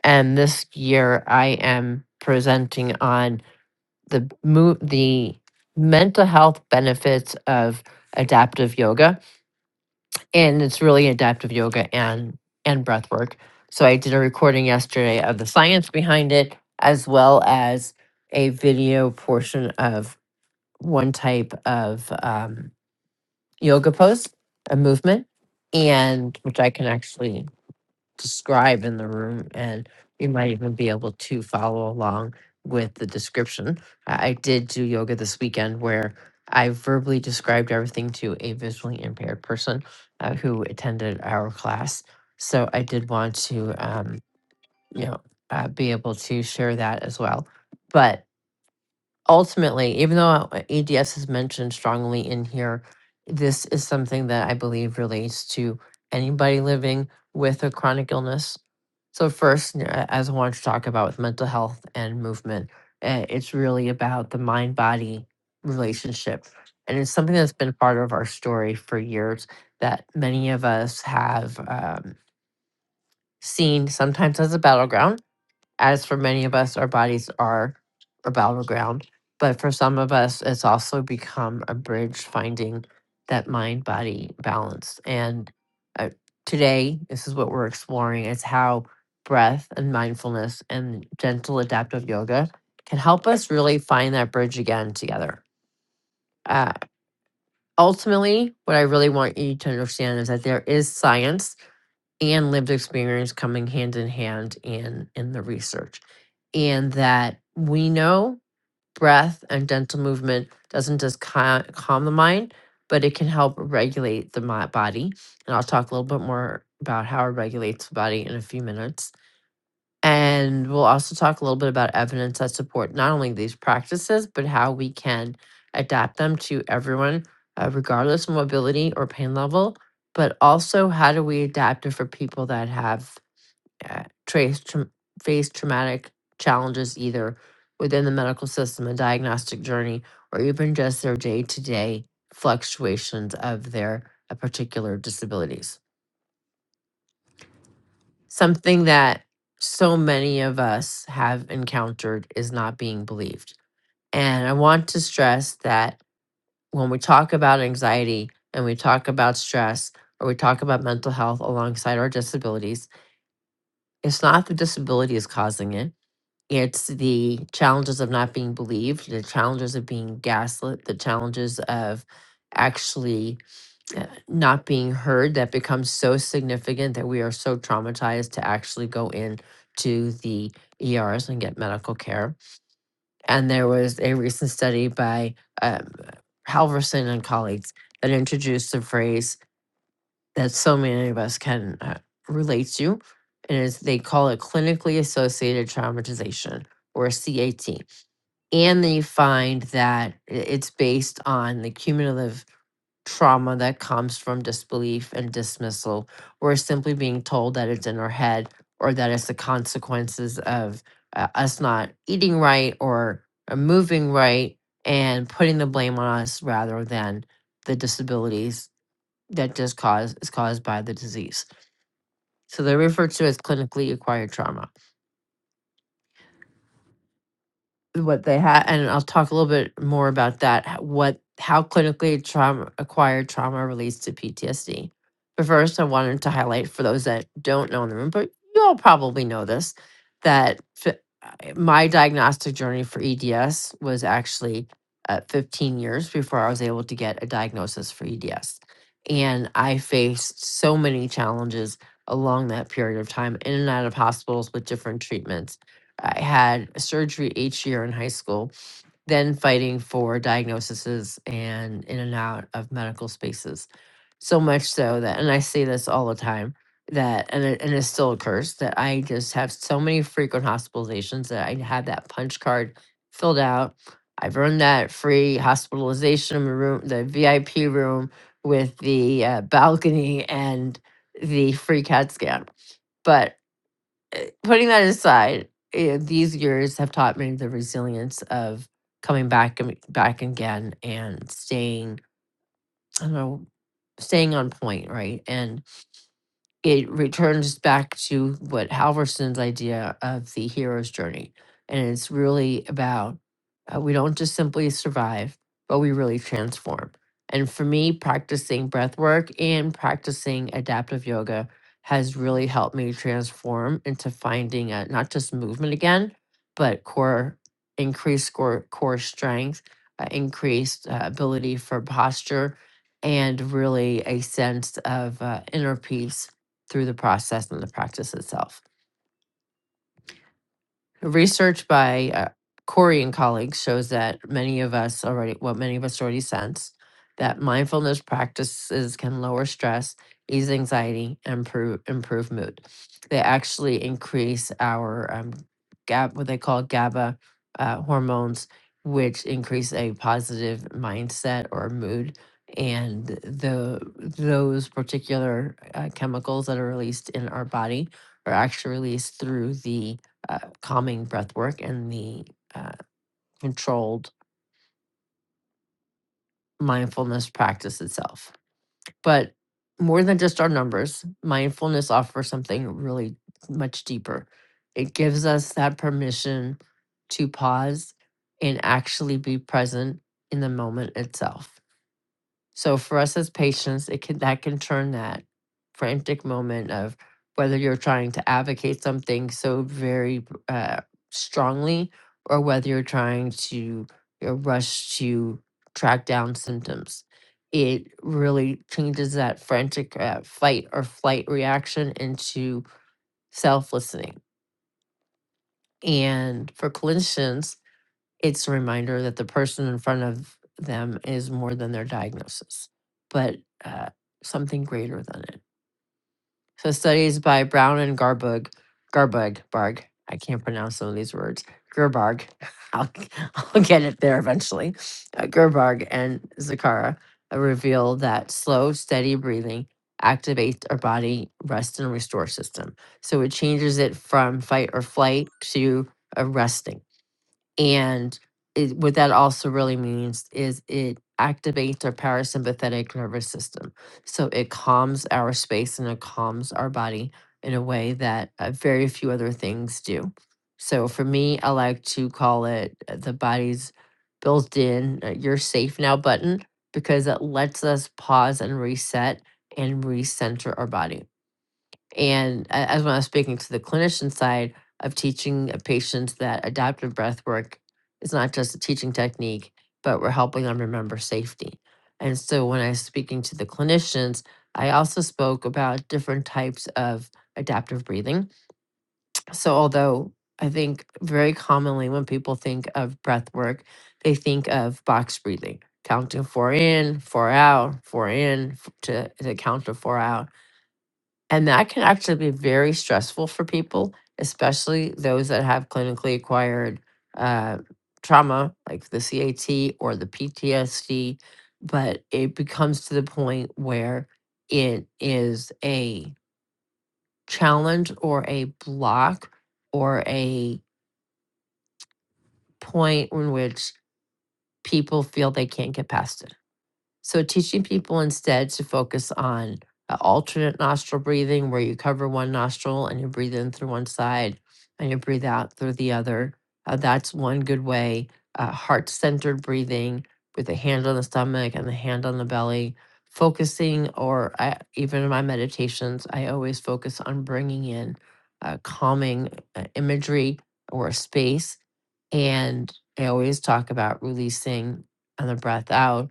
Speaker 5: And this year, I am presenting on the move the mental health benefits of adaptive yoga and it's really adaptive yoga and and breath work so i did a recording yesterday of the science behind it as well as a video portion of one type of um, yoga pose a movement and which i can actually describe in the room, and you might even be able to follow along with the description. I I did do yoga this weekend where I verbally described everything to a visually impaired person uh, who attended our class. So I did want to, um, you know, uh, be able to share that as well. But ultimately, even though ADS is mentioned strongly in here, this is something that I believe relates to anybody living with a chronic illness. So, first, n- a- as I wanted to talk about with mental health and movement, eh, it's really about the mind body relationship. And it's something that's been part of our story for years that many of us have um, seen sometimes as a battleground as for many of us, our bodies are a battleground, but for some of us, it's also become a bridge finding that mind body balance. And uh, today, this is what we're exploring it's how breath and mindfulness and gentle adaptive yoga can help us really find that bridge again together. Uh, ultimately, what I really want you to understand is that there is science and lived experience coming hand in hand in in the research and that we know breath and dental movement doesn't just ca- calm the mind but it can help regulate the mi- body and i'll talk a little bit more about how it regulates the body in a few minutes and we'll also talk a little bit about evidence that support not only these practices, but how we can adapt them to everyone, uh, regardless of mobility or pain level. But also, how do we adapt it for people that have uh, traced, tra- faced traumatic challenges either within the medical system and diagnostic journey, or even just their day to day fluctuations of their uh, particular disabilities? something that so many of us have encountered is not being believed. And I want to stress that when we talk about anxiety and we talk about stress or we talk about mental health alongside our disabilities, it's not the disability is causing it. It's the challenges of not being believed, the challenges of being gaslit, the challenges of actually uh, not being heard that becomes so significant that we are so traumatized to actually go in to the ERs and get medical care. And there was a recent study by um, Halverson and colleagues that introduced a phrase that so many of us can uh, relate to, and it's, they call it clinically associated traumatization or CAT. And they find that i- it's based on the cumulative trauma that comes from disbelief and dismissal. We're simply being told that it's in our head or that it's the consequences of uh, us not eating right or uh, moving right and putting the blame on us rather than the disabilities that just cause is caused by the disease. So they're referred to as clinically acquired trauma. what they had and i'll talk a little bit more about that h- what how clinically trauma acquired trauma relates to ptsd but first i wanted to highlight for those that don't know in the room but you all probably know this that fi- I- my diagnostic journey for eds was actually uh, 15 years before i was able to get a diagnosis for eds and i faced so many challenges along that period of time in and out of hospitals with different treatments I had surgery each year in high school, then fighting for diagnoses and in and out of medical spaces. So much so that, and I say this all the time, that, and it, and it still occurs, that I just have so many frequent hospitalizations that I had that punch card filled out. I've earned that free hospitalization room, the VIP room with the uh, balcony and the free CAT scan. But putting that aside, eh, these years have taught me the resilience of coming back and back again and staying, I don't know, staying on point, right? And it returns back to what Halverson's idea of the hero's journey. And it's really about uh, we don't just simply survive, but we really transform. And for me, practicing breath work and practicing adaptive yoga has really helped me transform into finding uh not just movement again, but core increased core, core strength, uh, increased uh, ability for posture, and really a sense of uh, inner peace through the process and the practice itself. Research by uh, Corey and colleagues shows that many of us already, what many of us already sense, that mindfulness practices can lower stress, ease anxiety, and improve, improve mood. They actually increase our um, GAB, what they call GABA uh, hormones, which increase a positive mindset or mood. And the those particular uh, chemicals that are released in our body are actually released through the uh, calming breath work and the uh, controlled mindfulness practice itself. But more than just our numbers, mindfulness offers something really much deeper. It gives us that permission to pause and actually be present in the moment itself So for us as patients, it can that can turn that frantic moment of whether you're trying to advocate something so very uh, strongly or whether you're trying to you rush to track down symptoms. It really changes that frantic uh, fight or flight reaction into self listening. And for clinicians, it's a reminder that the person in front of them is more than their diagnosis, but uh, something greater than it. So, studies by Brown and Garbug, Garbug, Barg, I can't pronounce some of these words, Gerbarg, I'll, I'll get it there eventually, uh, Gerbarg and Zakara uh, reveal that slow, steady breathing activates our body rest and restore system. So, it changes it from fight or flight to a resting and it, what that also really means is it activates our parasympathetic nervous system so it calms our space and it calms our body in a way that uh, very few other things do so for me i like to call it uh, the body's built-in uh, you're safe now button because it lets us pause and reset and recenter our body and a- as when I was speaking to the clinician side of teaching a patient that adaptive breath work is not just a teaching technique, but we're helping them remember safety. And so when I was speaking to the clinicians, I also spoke about different types of adaptive breathing. So although I think very commonly when people think of breath work, they think of box breathing, counting four in, four out, four in f- to, to count to four out and that can actually be very stressful for people, especially those that have clinically acquired uh, trauma, like the CAT or the PTSD. But it becomes to the point where it is a challenge or a block or a point in which people feel they can't get past it. So teaching people instead to focus on uh, alternate nostril breathing, where you cover one nostril and you breathe in through one side and you breathe out through the other. Uh, that's one good way. Uh, Heart centered breathing with the hand on the stomach and the hand on the belly. Focusing, or I, even in my meditations, I always focus on bringing in uh, calming uh, imagery or a space. And I always talk about releasing on the breath out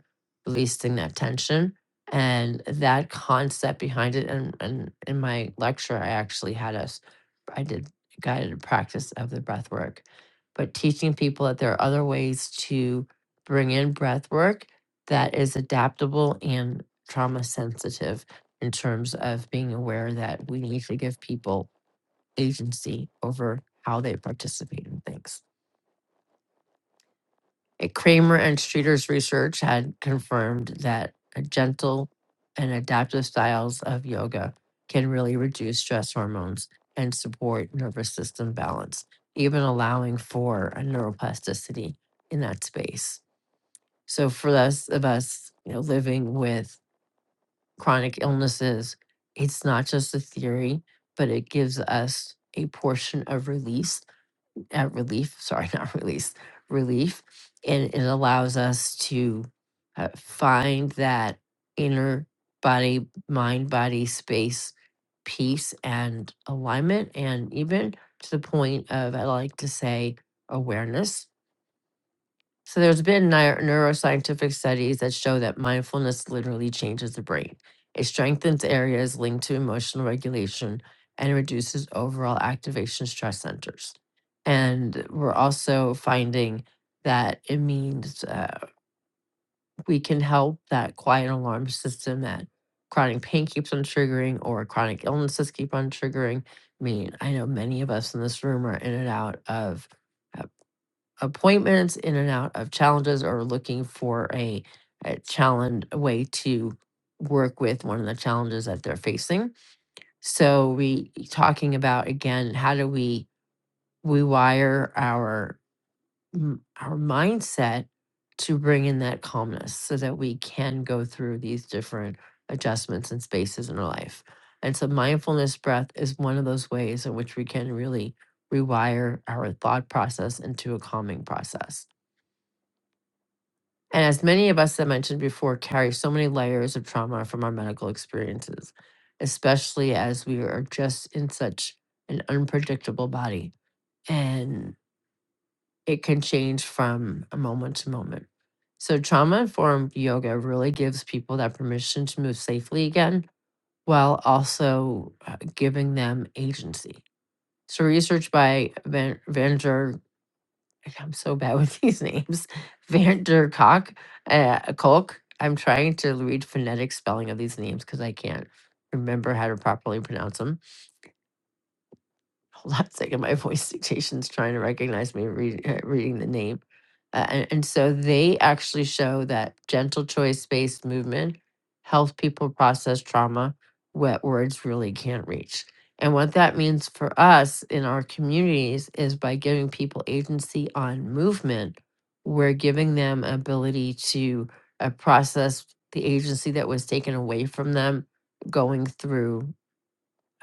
Speaker 5: releasing that tension and that concept behind it. And, and in my lecture, I actually had us, I did guided practice of the breath work, but teaching people that there are other ways to bring in breath work that is adaptable and trauma sensitive in terms of being aware that we need to give people agency over how they participate in things. Uh, Kramer and Streeter's research had confirmed that a gentle and adaptive styles of yoga can really reduce stress hormones and support nervous system balance, even allowing for a neuroplasticity in that space. So for us of us, you know, living with chronic illnesses, it's not just a theory, but it gives us a portion of release uh, relief, sorry, not release, relief. And it allows us to uh, find that inner body, mind, body space, peace, and alignment. And even to the point of, I like to say, awareness so there's been neu- neuroscientific studies that show that mindfulness literally changes the brain. It strengthens areas linked to emotional regulation and reduces overall activation stress centers. And we're also finding that it means uh, we can help that quiet alarm system that chronic pain keeps on triggering or chronic illnesses keep on triggering. I mean, I know many of us in this room are in and out of uh, appointments, in and out of challenges, or looking for a, a challenge a way to work with one of the challenges that they're facing. So we e, talking about again, how do we rewire our m- our mindset to bring in that calmness so that we can go through these different adjustments and spaces in our life. And so mindfulness breath is one of those ways in which we can really rewire our thought process into a calming process. And as many of us that mentioned before carry so many layers of trauma from our medical experiences, especially as we are just in such an unpredictable body and it can change from a moment to moment. So, trauma informed yoga really gives people that permission to move safely again while also uh, giving them agency. So, research by Van- Vander I'm so bad with these names. Van der Kolk. Uh, Kolk. I'm trying to read phonetic spelling of these names because I can't remember how to properly pronounce them hold on a second, my voice dictation's trying to recognize me read, uh, reading the name. Uh, and, and so they actually show that gentle choice based movement helps people process trauma wet words really can't reach. And what that means for us in our communities is by giving people agency on movement, we're giving them ability to uh, process the agency that was taken away from them going through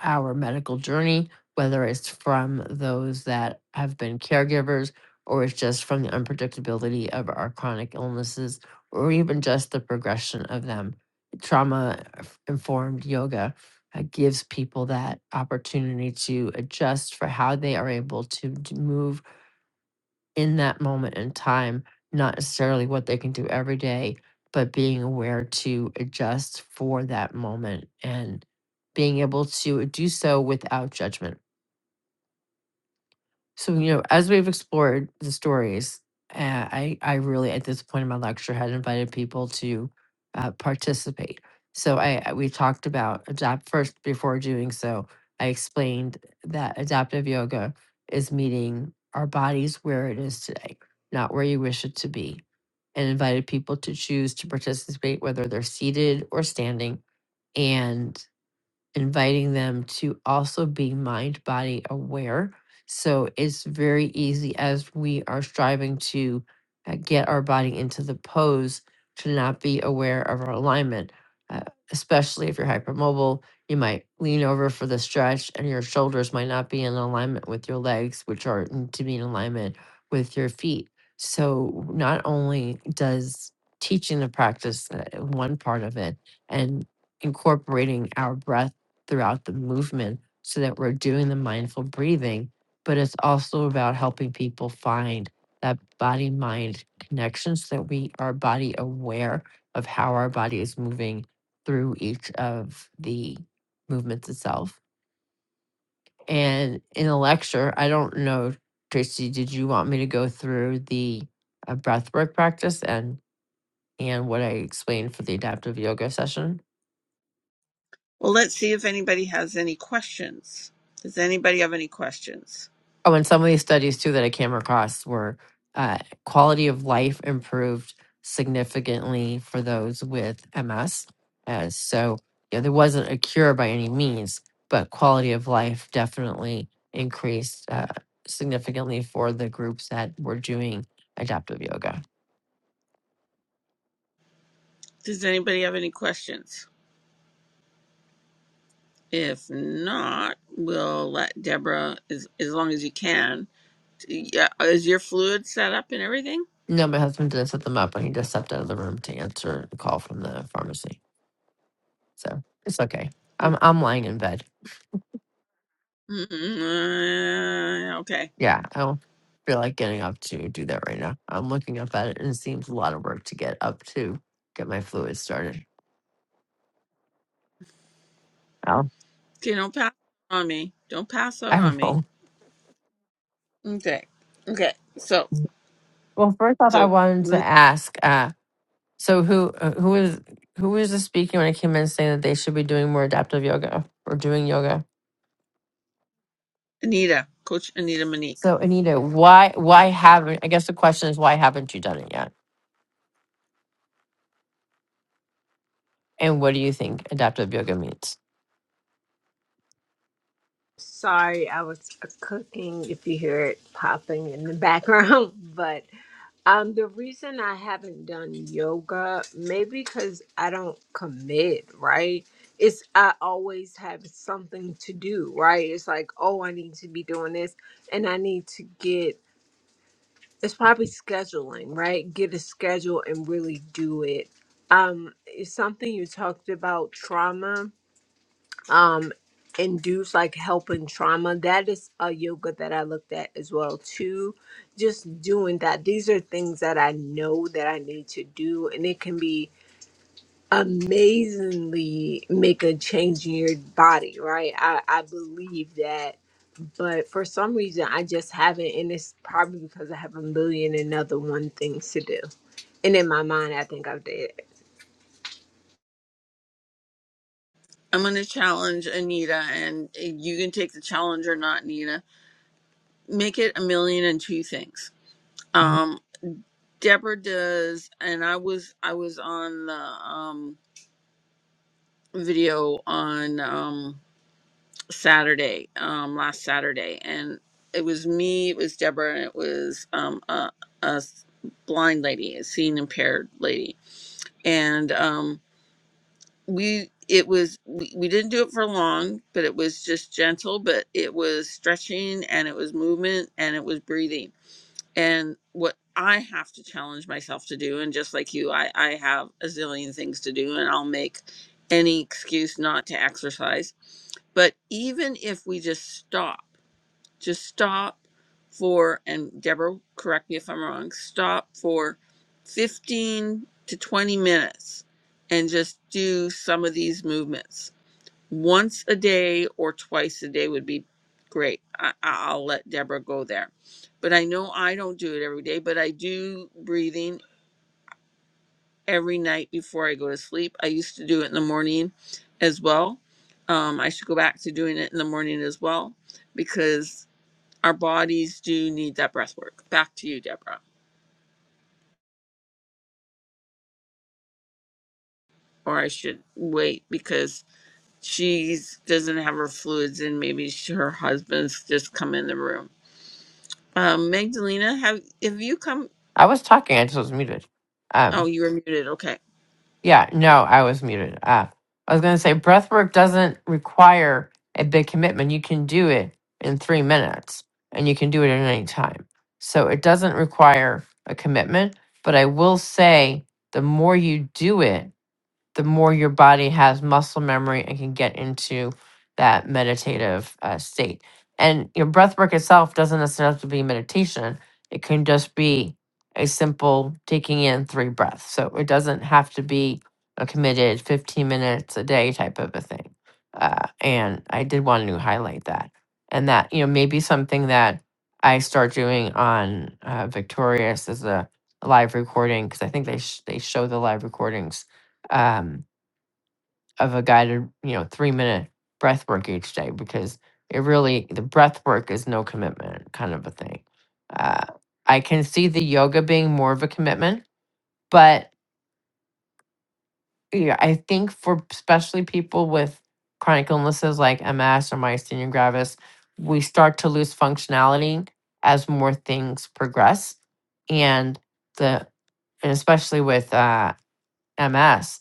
Speaker 5: our medical journey, whether it's from those that have been caregivers or it's just from the unpredictability of our chronic illnesses or even just the progression of them. Trauma informed yoga uh, gives people that opportunity to adjust for how they are able to d- move in that moment in time, not necessarily what they can do every day, but being aware to adjust for that moment and being able to do so without judgment. So, you know, as we've explored the stories, uh, I, I really, at this point in my lecture, had invited people to uh, participate. So I, I- we talked about adapt first before doing so. I explained that adaptive yoga is meeting our bodies where it is today, not where you wish it to be, and invited people to choose to participate, whether they're seated or standing. and inviting them to also be mind body aware. So it's very easy as we are striving to uh, get our body into the pose to not be aware of our alignment. Uh, especially if you're hypermobile, you might lean over for the stretch and your shoulders might not be in alignment with your legs, which are need to be in alignment with your feet. So not only does teaching the practice uh, one part of it and incorporating our breath throughout the movement so that we're doing the mindful breathing. But it's also about helping people find that body mind connection so that we are body aware of how our body is moving through each of the movements itself. And in the lecture, I don't know, Tracy, did you want me to go through the uh, breathwork practice and and what I explained for the adaptive yoga session?
Speaker 1: Well, let's see if anybody has any questions. Does anybody have any questions?
Speaker 5: Oh, and some of these studies too that I came across were uh, quality of life improved significantly for those with MS. Uh, so, you know, there wasn't a cure by any means, but quality of life definitely increased uh, significantly for the groups that were doing adaptive yoga.
Speaker 1: Does anybody have any questions? If not, we'll let Deborah, as, as long as you can. Yeah, is your fluid set up and everything?
Speaker 5: No, my husband didn't set them up, and he just stepped out of the room to answer a call from the pharmacy. So it's okay. I'm I'm lying in bed.
Speaker 1: Mm, Okay.
Speaker 5: Yeah, I don't feel like getting up to do that right now. I'm looking up at it and it seems a lot of work to get up to get my fluids started. Well,
Speaker 1: Okay, don't pass on me. Don't pass out
Speaker 5: I
Speaker 1: on me.
Speaker 5: won't.
Speaker 1: Okay. Okay. So,
Speaker 5: Well, first off, I
Speaker 1: so
Speaker 5: wanted to
Speaker 1: the-
Speaker 5: ask. Uh, so who uh, who was who was the speaking when I came in saying that they should be doing more adaptive yoga or doing yoga?
Speaker 1: Anita, Coach Anita Monique.
Speaker 5: So Anita, why why haven't I guess the question is why haven't you done it yet? And what do you think adaptive yoga means?
Speaker 4: Sorry, I was uh, cooking if you hear it popping in the background, but um the reason I haven't done yoga maybe cuz I don't commit, right? It's I always have something to do, right? It's like, oh, I need to be doing this and I need to get it's probably scheduling right get a schedule and really do it um it's something you talked about trauma um induce like helping trauma that is a yoga that i looked at as well too just doing that these are things that i know that i need to do and it can be amazingly make a change in your body right i i believe that but for some reason I just haven't, and it's probably because I have a million and other one things to do. And in my mind, I think I've did. it.
Speaker 1: I'm going to challenge Anita, and you can take the challenge or not, Anita. Make it a million and two things. Um, Deborah does, and I was I was on the um video on. um. Saturday, um, last Saturday, and it was me, it was Deborah, and it was um, a, a s- blind lady, a seeing impaired lady, and um, we it was we, we didn't do it for long, but it was just gentle, but it was stretching and it was movement and it was breathing, and what I have to challenge myself to do, and just like you, I I have a zillion things to do, and I'll make any excuse not to exercise, but even if we just stop. Just stop for, and Deborah, correct me if I'm wrong, stop for 15 to 20 minutes and just do some of these movements. Once a day or twice a day would be great. I, I- will let Deborah go there. But I know I don't do it every day, but I do breathing every night before I go to sleep. I used to do it in the morning as well. Um, I should go back to doing it in the morning as well because our bodies do need that breath work. Back to you, Deborah. Or I should wait because she doesn't have her fluids and maybe sh her husband's just come in the room. Um, Magdalena, have have you come?
Speaker 5: I was talking, I just was muted. Um,
Speaker 1: Oh, you were muted. Okay.
Speaker 5: Yeah, no, I was muted. Uh, I was going to say breath work doesn't require a big commitment. You can do it in three minutes and you can do it at any time. So it doesn't require a commitment. But I will say the more you do it, the more your body has muscle memory and can get into that meditative uh, state. And your breath work itself doesn't necessarily have to be meditation, it can just be a simple taking in three breaths. So it doesn't have to be a committed 15 minutes a day type of a thing. Uh, and I did want to highlight that. And that, you know, maybe something that I start doing on uh, Victorious is a live recording because I think they sh- they show the live recordings Um, of a guided, you know, three minute breath work each day because it really, the breath work is no commitment kind of a thing. Uh, I can see the yoga being more of a commitment, but yeah, I think for especially people with chronic illnesses like MS or myasthenia gravis, we start to lose functionality as more things progress. And the, and especially with uh, MS,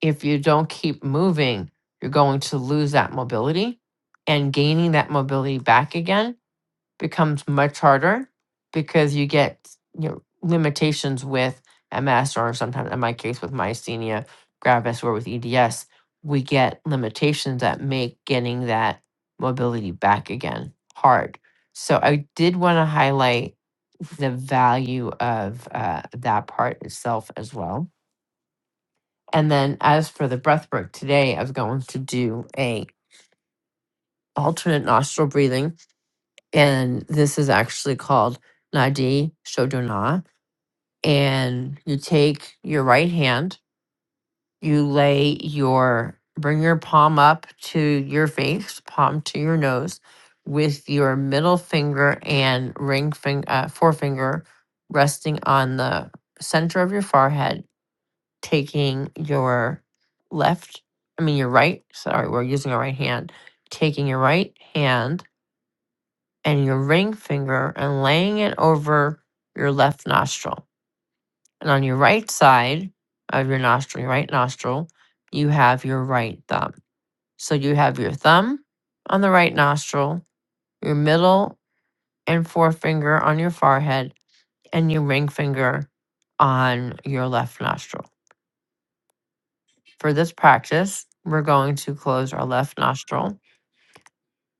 Speaker 5: if you don't keep moving, you're going to lose that mobility. And gaining that mobility back again becomes much harder because you get you know, limitations with MS or sometimes in my case with myasthenia gravis or with EDS, we get limitations that make getting that mobility back again hard. So I did want to highlight the value of uh, that part itself as well and then as for the breath work today, I was going to do a alternate nostril breathing. And this is actually called Nadi Shodhana. And you take your right hand, you lay your bring your palm up to your face, palm to your nose, with your middle finger and ring finger uh, forefinger resting on the center of your forehead taking your left, I mean your right, sorry, we're using our right hand, taking your right hand and your ring finger and laying it over your left nostril. And on your right side of your nostril, your right nostril, you have your right thumb. So you have your thumb on the right nostril, your middle and forefinger on your forehead, and your ring finger on your left nostril. For this practice, we're going to close our left nostril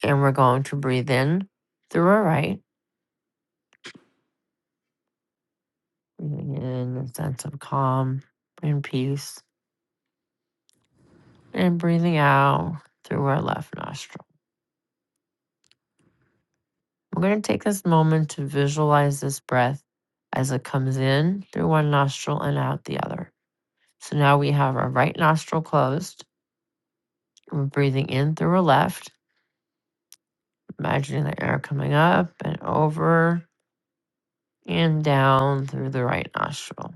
Speaker 5: and we're going to breathe in through our right, breathing in a sense of calm and peace, and breathing out through our left nostril. We're going to take this moment to visualize this breath as it comes in through one nostril and out the other. So now we have our right nostril closed. We're breathing in through our left, imagining the air coming up and over and down through the right nostril.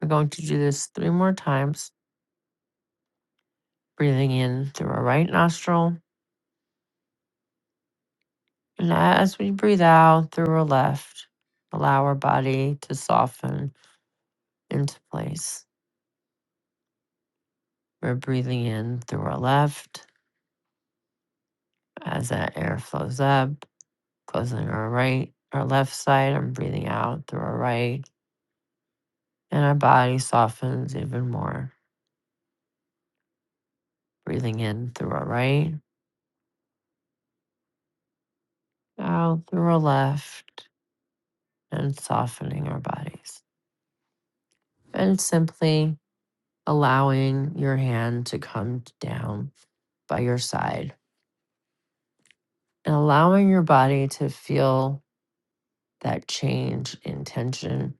Speaker 5: We're going to do this three more times, breathing in through our right nostril. And as we breathe out through our left, allow our body to soften into place. We're breathing in through our left as that air flows up, closing our right, our left side, and breathing out through our right. And our body softens even more. Breathing in through our right, out through our left, and softening our bodies. And simply allowing your hand to come down by your side and allowing your body to feel that change in tension,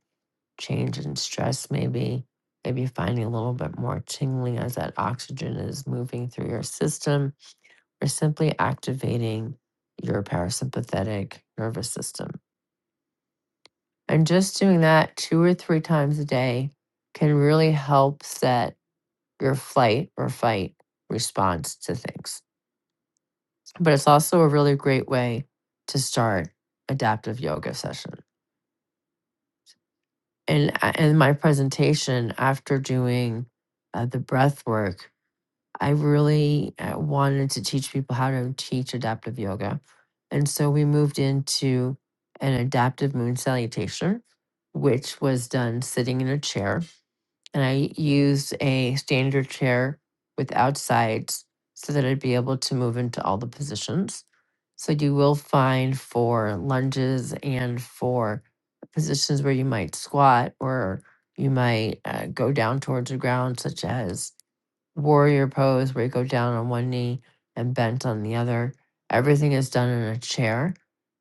Speaker 5: change in stress, maybe, maybe finding a little bit more tingling as that oxygen is moving through your system, or simply activating your parasympathetic nervous system. And just doing that two or three times a day can really help set your flight or fight response to things. but it's also a really great way to start adaptive yoga session. And a- in my presentation after doing uh, the breath work, I really uh, wanted to teach people how to teach adaptive yoga. And so we moved into an adaptive moon salutation, which was done sitting in a chair and I used a standard chair without sides so that I'd be able to move into all the positions. So you will find for lunges and for positions where you might squat or you might uh, go down towards the ground, such as warrior pose where you go down on one knee and bent on the other. Everything is done in a chair,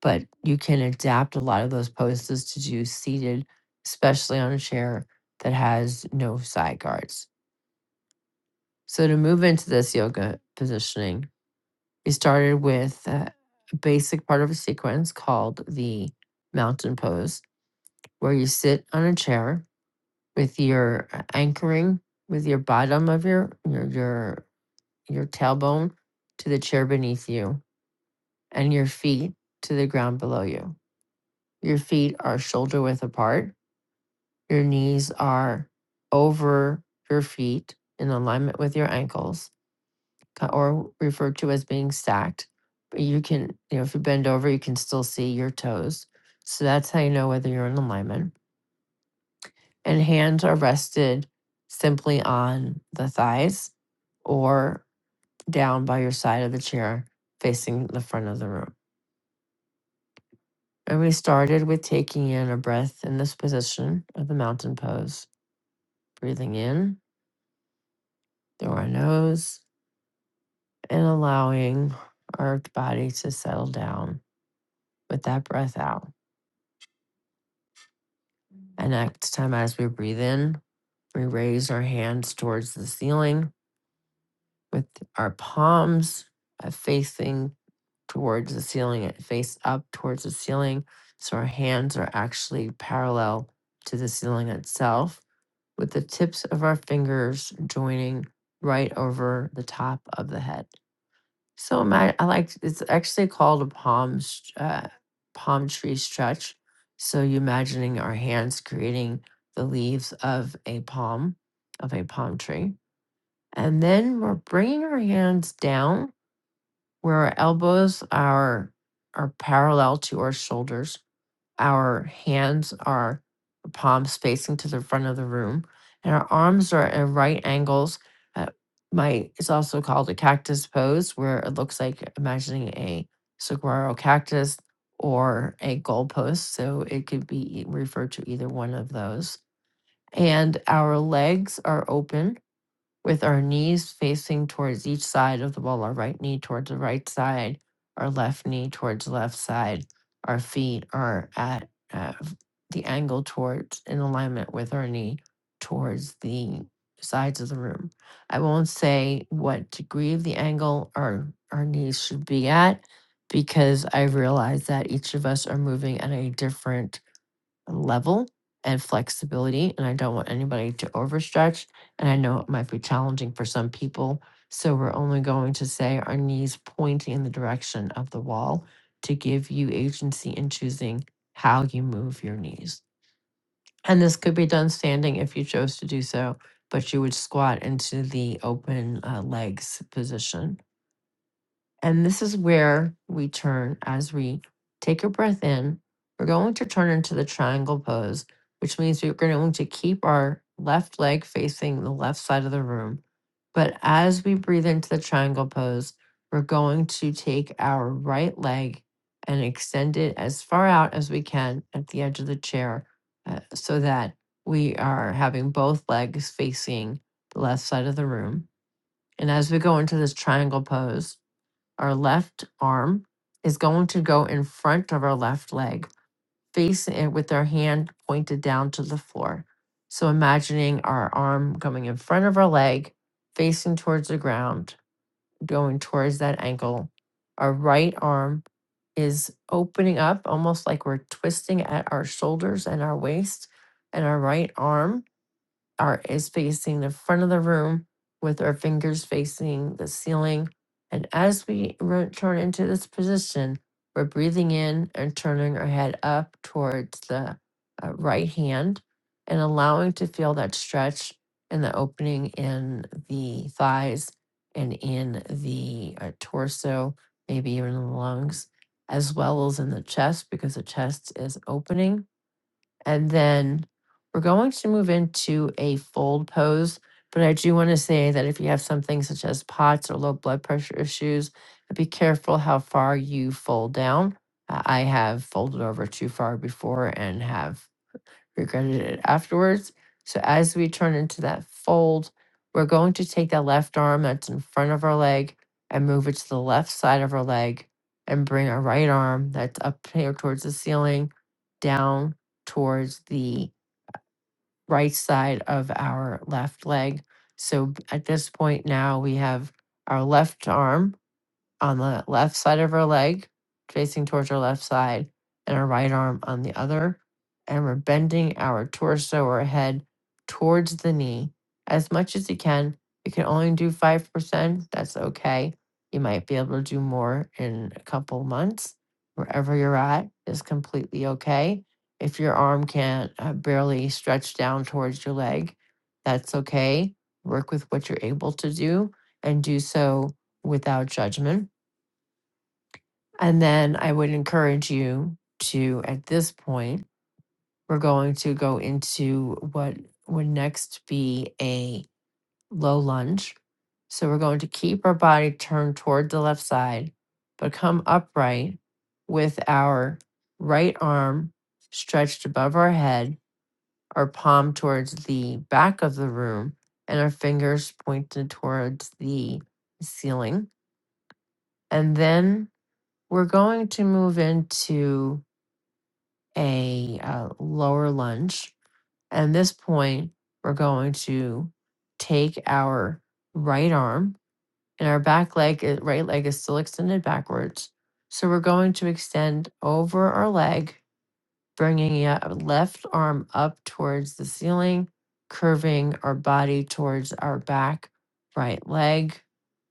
Speaker 5: but you can adapt a lot of those poses to do seated, especially on a chair that has no side guards. So, to move into this yoga positioning, we started with uh, a basic part of a sequence called the mountain pose, where you sit on a chair with your uh, anchoring with your bottom of your your, your your tailbone to the chair beneath you and your feet to the ground below you. Your feet are shoulder width apart. Your knees are over your feet in alignment with your ankles or referred to as being stacked. But you can, you know, if you bend over, you can still see your toes. So that's how you know whether you're in alignment. And hands are rested simply on the thighs or down by your side of the chair facing the front of the room. And we started with taking in a breath in this position of the mountain pose, breathing in through our nose and allowing our body to settle down with that breath out. And next time, as we breathe in, we raise our hands towards the ceiling with our palms uh, facing towards the ceiling, uh, face up towards the ceiling. So our hands are actually parallel to the ceiling itself with the tips of our fingers joining right over the top of the head. So ima- I like it's actually called a palm uh, palm tree stretch. So you imagining our hands creating the leaves of a palm of a palm tree, and then we're bringing our hands down where our elbows are are parallel to our shoulders our hands are uh, palms facing to the front of the room, and our arms are at right angles. Uh, my it's also called a cactus pose, where it looks like imagining a saguaro cactus or a goalpost. So it could be e- referred to either one of those. And our legs are open with our knees facing towards each side of the wall, our right knee towards the right side, our left knee towards the left side. Our feet are at uh, the angle towards in alignment with our knee towards the sides of the room. I won't say what degree of the angle our, our knees should be at because I realize that each of us are moving at a different level and flexibility and i don't want anybody to overstretch and i know it might be challenging for some people so we're only going to say our knees pointing in the direction of the wall to give you agency in choosing how you move your knees and this could be done standing if you chose to do so but you would squat into the open uh, legs position and this is where we turn as we take a breath in. We're going to turn into the triangle pose, which means we're going to keep our left leg facing the left side of the room. But as we breathe into the triangle pose, we're going to take our right leg and extend it as far out as we can at the edge of the chair uh, so that we are having both legs facing the left side of the room. And as we go into this triangle pose, our left arm is going to go in front of our left leg, facing it with our hand pointed down to the floor. So imagining our arm coming in front of our leg, facing towards the ground, going towards that ankle. Our right arm is opening up almost like we're twisting at our shoulders and our waist and our right arm Art is facing the front of the room with our fingers facing the ceiling. And as we return into this position, we're breathing in and turning our head up towards the uh, right hand and allowing to feel that stretch and the opening in the thighs and in the uh, torso, maybe even in the lungs, as well as in the chest because the chest is opening and then we're going to move into a fold pose. But I do want to say that if you have something such as POTS or low blood pressure issues, be careful how far you fold down. Uh, I have folded over too far before and have regretted it afterwards. So as we turn into that fold, we're going to take that left arm that's in front of our leg and move it to the left side of our leg and bring our right arm that's up here towards the ceiling down towards the right side of our left leg. So b- at this point now we have our left arm on the left side of her leg, facing towards her left side, and her right arm on the other. And we're bending our torso or head towards the knee as much as you can. You can only do 5%. That's okay. You might be able to do more in a couple months. Wherever you're at is completely okay. If your arm can't uh, barely stretch down towards your leg, that's okay. Work with what you're able to do and do so without judgment and then I would encourage you to, at this point, we're going to go into what would next be a low lunge. So we're going to keep our body turned toward the left side, but come upright with our right arm stretched above our head, our palm towards the back of the room, and our fingers pointed towards the ceiling. And then we're going to move into a uh, lower lunge. And this point, we're going to take our right arm and our back leg, uh, right leg is still extended backwards. So we're going to extend over our leg bringing your left arm up towards the ceiling, curving our body towards our back, right leg,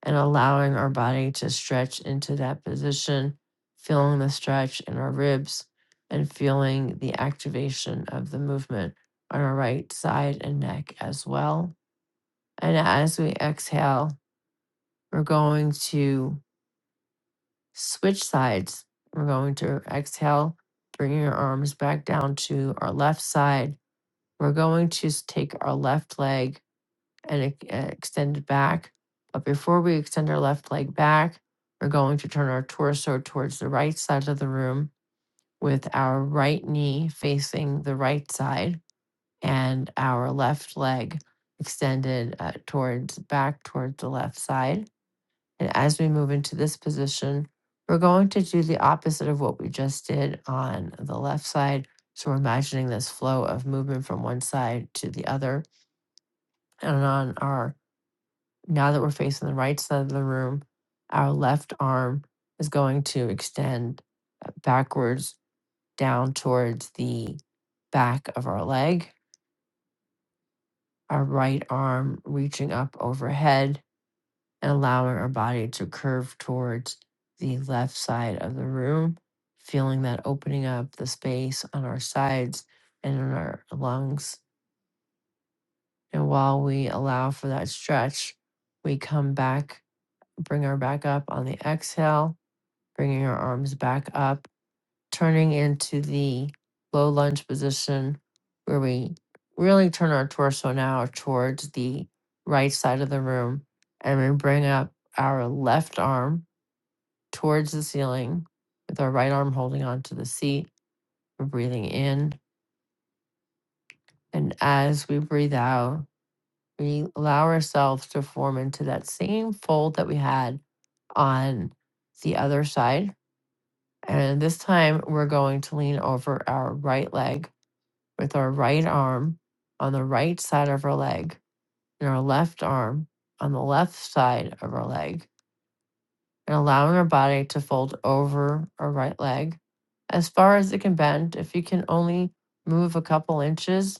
Speaker 5: and allowing our body to stretch into that position, feeling the stretch in our ribs and feeling the activation of the movement on our right side and neck as well. And as we exhale, we're going to switch sides. We're going to exhale, bringing our arms back down to our left side we're going to take our left leg and e- uh, extend it back. But before we extend our left leg back, we're going to turn our torso towards the right side of the room with our right knee facing the right side and our left leg extended uh, towards back towards the left side. And as we move into this position, we're going to do the opposite of what we just did on the left side. So we're imagining this flow of movement from one side to the other and on our now that we're facing the right side of the room, our left arm is going to extend uh, backwards down towards the back of our leg, our right arm reaching up overhead and allowing our body to curve towards the left side of the room, feeling that opening up the space on our sides and in our lungs. And while we allow for that stretch, we come back Bring her back up on the exhale, bringing her arms back up, turning into the low lunge position where we really turn our torso now towards the right side of the room. And we bring up our left arm towards the ceiling with our right arm holding onto the seat. We're breathing in. And as we breathe out, we allow ourselves to form into that same fold that we had on the other side And this time we're going to lean over our right leg with our right arm on the right side of our leg and our left arm on the left side of our leg and allowing our body to fold over our right leg as far as it can bend. If you can only move a couple inches,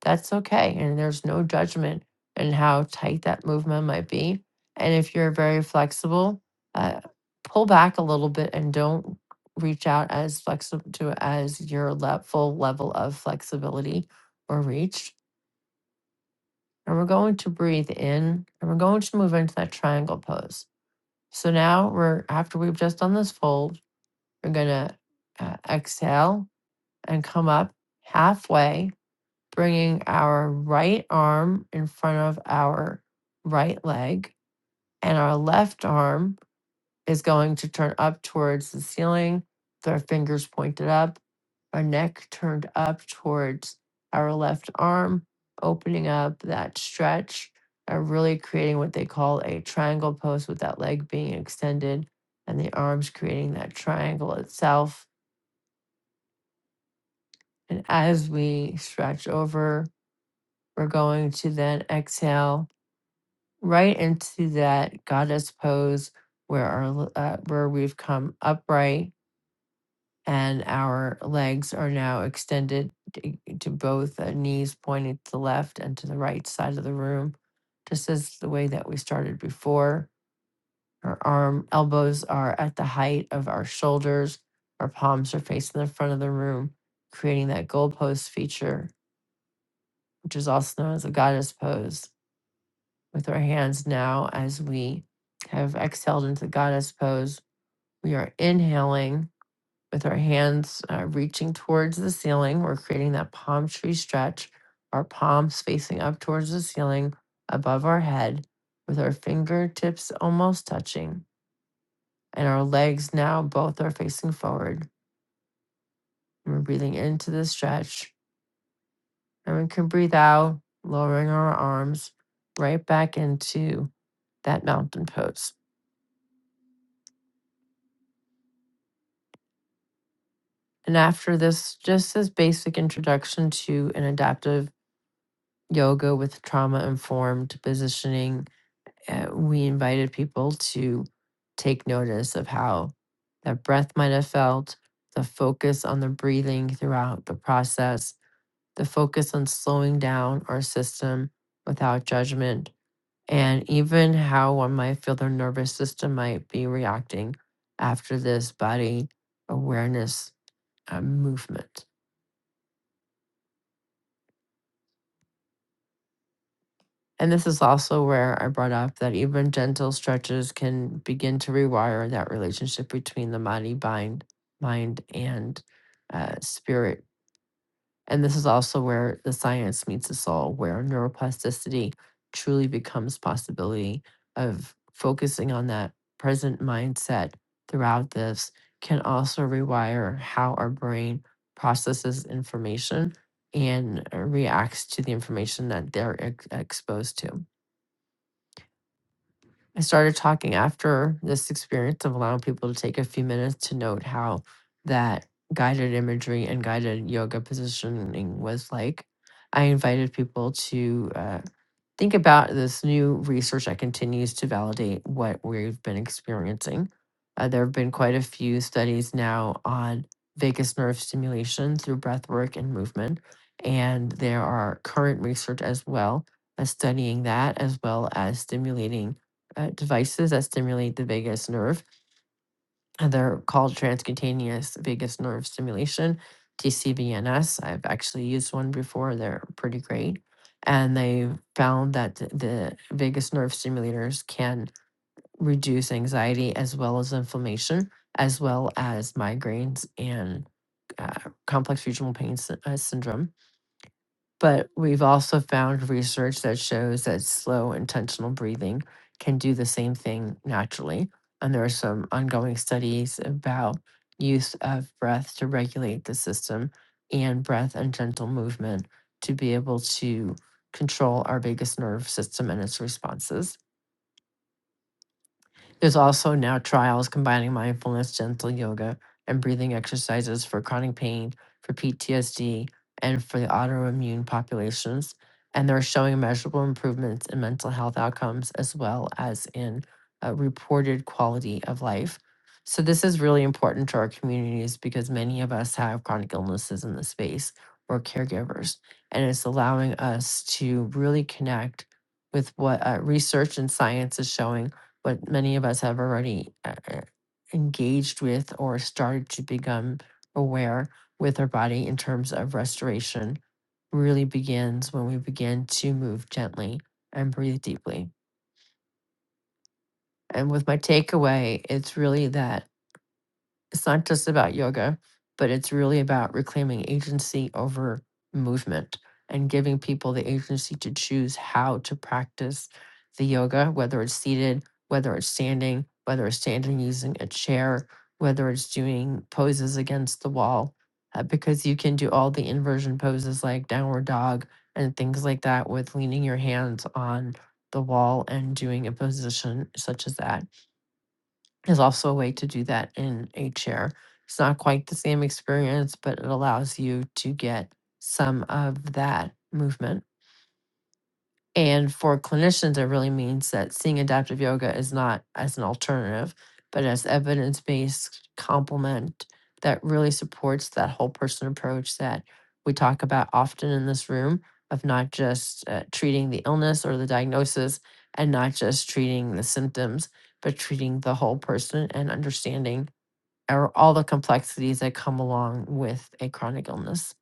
Speaker 5: that's okay. And there's no judgment in how tight that movement might be. And if you're very flexible, uh, pull back a little bit and don't reach out as flexible to as your le- full level of flexibility or reach. And we're going to breathe in and we're going to move into that triangle pose. So now we're, after we've just done this fold, we're going to uh, exhale and come up halfway bringing our right arm in front of our right leg, and our left arm is going to turn up towards the ceiling, with our fingers pointed up, our neck turned up towards our left arm, opening up that stretch, and really creating what they call a triangle pose with that leg being extended and the arms creating that triangle itself. And as we stretch over, we're going to then exhale right into that goddess pose where our uh, where we've come upright and our legs are now extended t- to both uh, knees pointing to the left and to the right side of the room just as the way that we started before our arm elbows are at the height of our shoulders our palms are facing the front of the room creating that goalpost feature which is also known as a goddess pose with our hands now as we have exhaled into the goddess pose. We are inhaling with our hands uh, reaching towards the ceiling. We're creating that palm tree stretch, our palms facing up towards the ceiling above our head, with our fingertips almost touching. And our legs now both are facing forward. And we're breathing into the stretch. And we can breathe out, lowering our arms right back into that mountain pose. And after this, just this basic introduction to an adaptive yoga with trauma informed positioning, uh, we invited people to take notice of how their breath might have felt, the focus on the breathing throughout the process, the focus on slowing down our system without judgment, and even how one might feel their nervous system might be reacting after this body awareness uh, movement. And this is also where I brought up that even gentle stretches can begin to rewire that relationship between the body, mind, mind, and uh, spirit. And this is also where the science meets the soul, where neuroplasticity truly becomes possibility of focusing on that present mindset throughout this can also rewire how our brain processes information and uh, reacts to the information that they're ex- exposed to. I started talking after this experience of allowing people to take a few minutes to note how that guided imagery and guided yoga positioning was like. I invited people to uh, Think about this new research that continues to validate what we've been experiencing. Uh, there have been quite a few studies now on vagus nerve stimulation through breath work and movement. And there are current research as well that's studying that, as well as stimulating uh, devices that stimulate the vagus nerve and they're called transcutaneous vagus nerve stimulation tcvns i've actually used one before they're pretty great and they found that th- the vagus nerve stimulators can reduce anxiety as well as inflammation as well as migraines and uh, complex regional pain sy- uh, syndrome but we've also found research that shows that slow, intentional breathing can do the same thing naturally. And there are some ongoing studies about use of breath to regulate the system and breath and gentle movement to be able to control our vagus nerve system and its responses. There's also now trials combining mindfulness, gentle yoga, and breathing exercises for chronic pain, for PTSD, and for the autoimmune populations. And they're showing measurable improvements in mental health outcomes as well as in uh, reported quality of life. So, this is really important to our communities because many of us have chronic illnesses in the space or caregivers. And it's allowing us to really connect with what uh, research and science is showing but many of us have already uh, uh, engaged with or started to become aware with our body in terms of restoration really begins when we begin to move gently and breathe deeply. And with my takeaway, it's really that it's not just about yoga, but it's really about reclaiming agency over movement and giving people the agency to choose how to practice the yoga, whether it's seated, whether it's standing, whether it's standing using a chair, whether it's doing poses against the wall, uh, because you can do all the inversion poses like downward dog and things like that with leaning your hands on the wall and doing a position such as that there's also a way to do that in a chair. It's not quite the same experience, but it allows you to get some of that movement. And for clinicians, it really means that seeing adaptive yoga is not as an alternative, but as evidence based complement that really supports that whole person approach that we talk about often in this room of not just uh, treating the illness or the diagnosis and not just treating the symptoms, but treating the whole person and understanding our- all the complexities that come along with a chronic illness.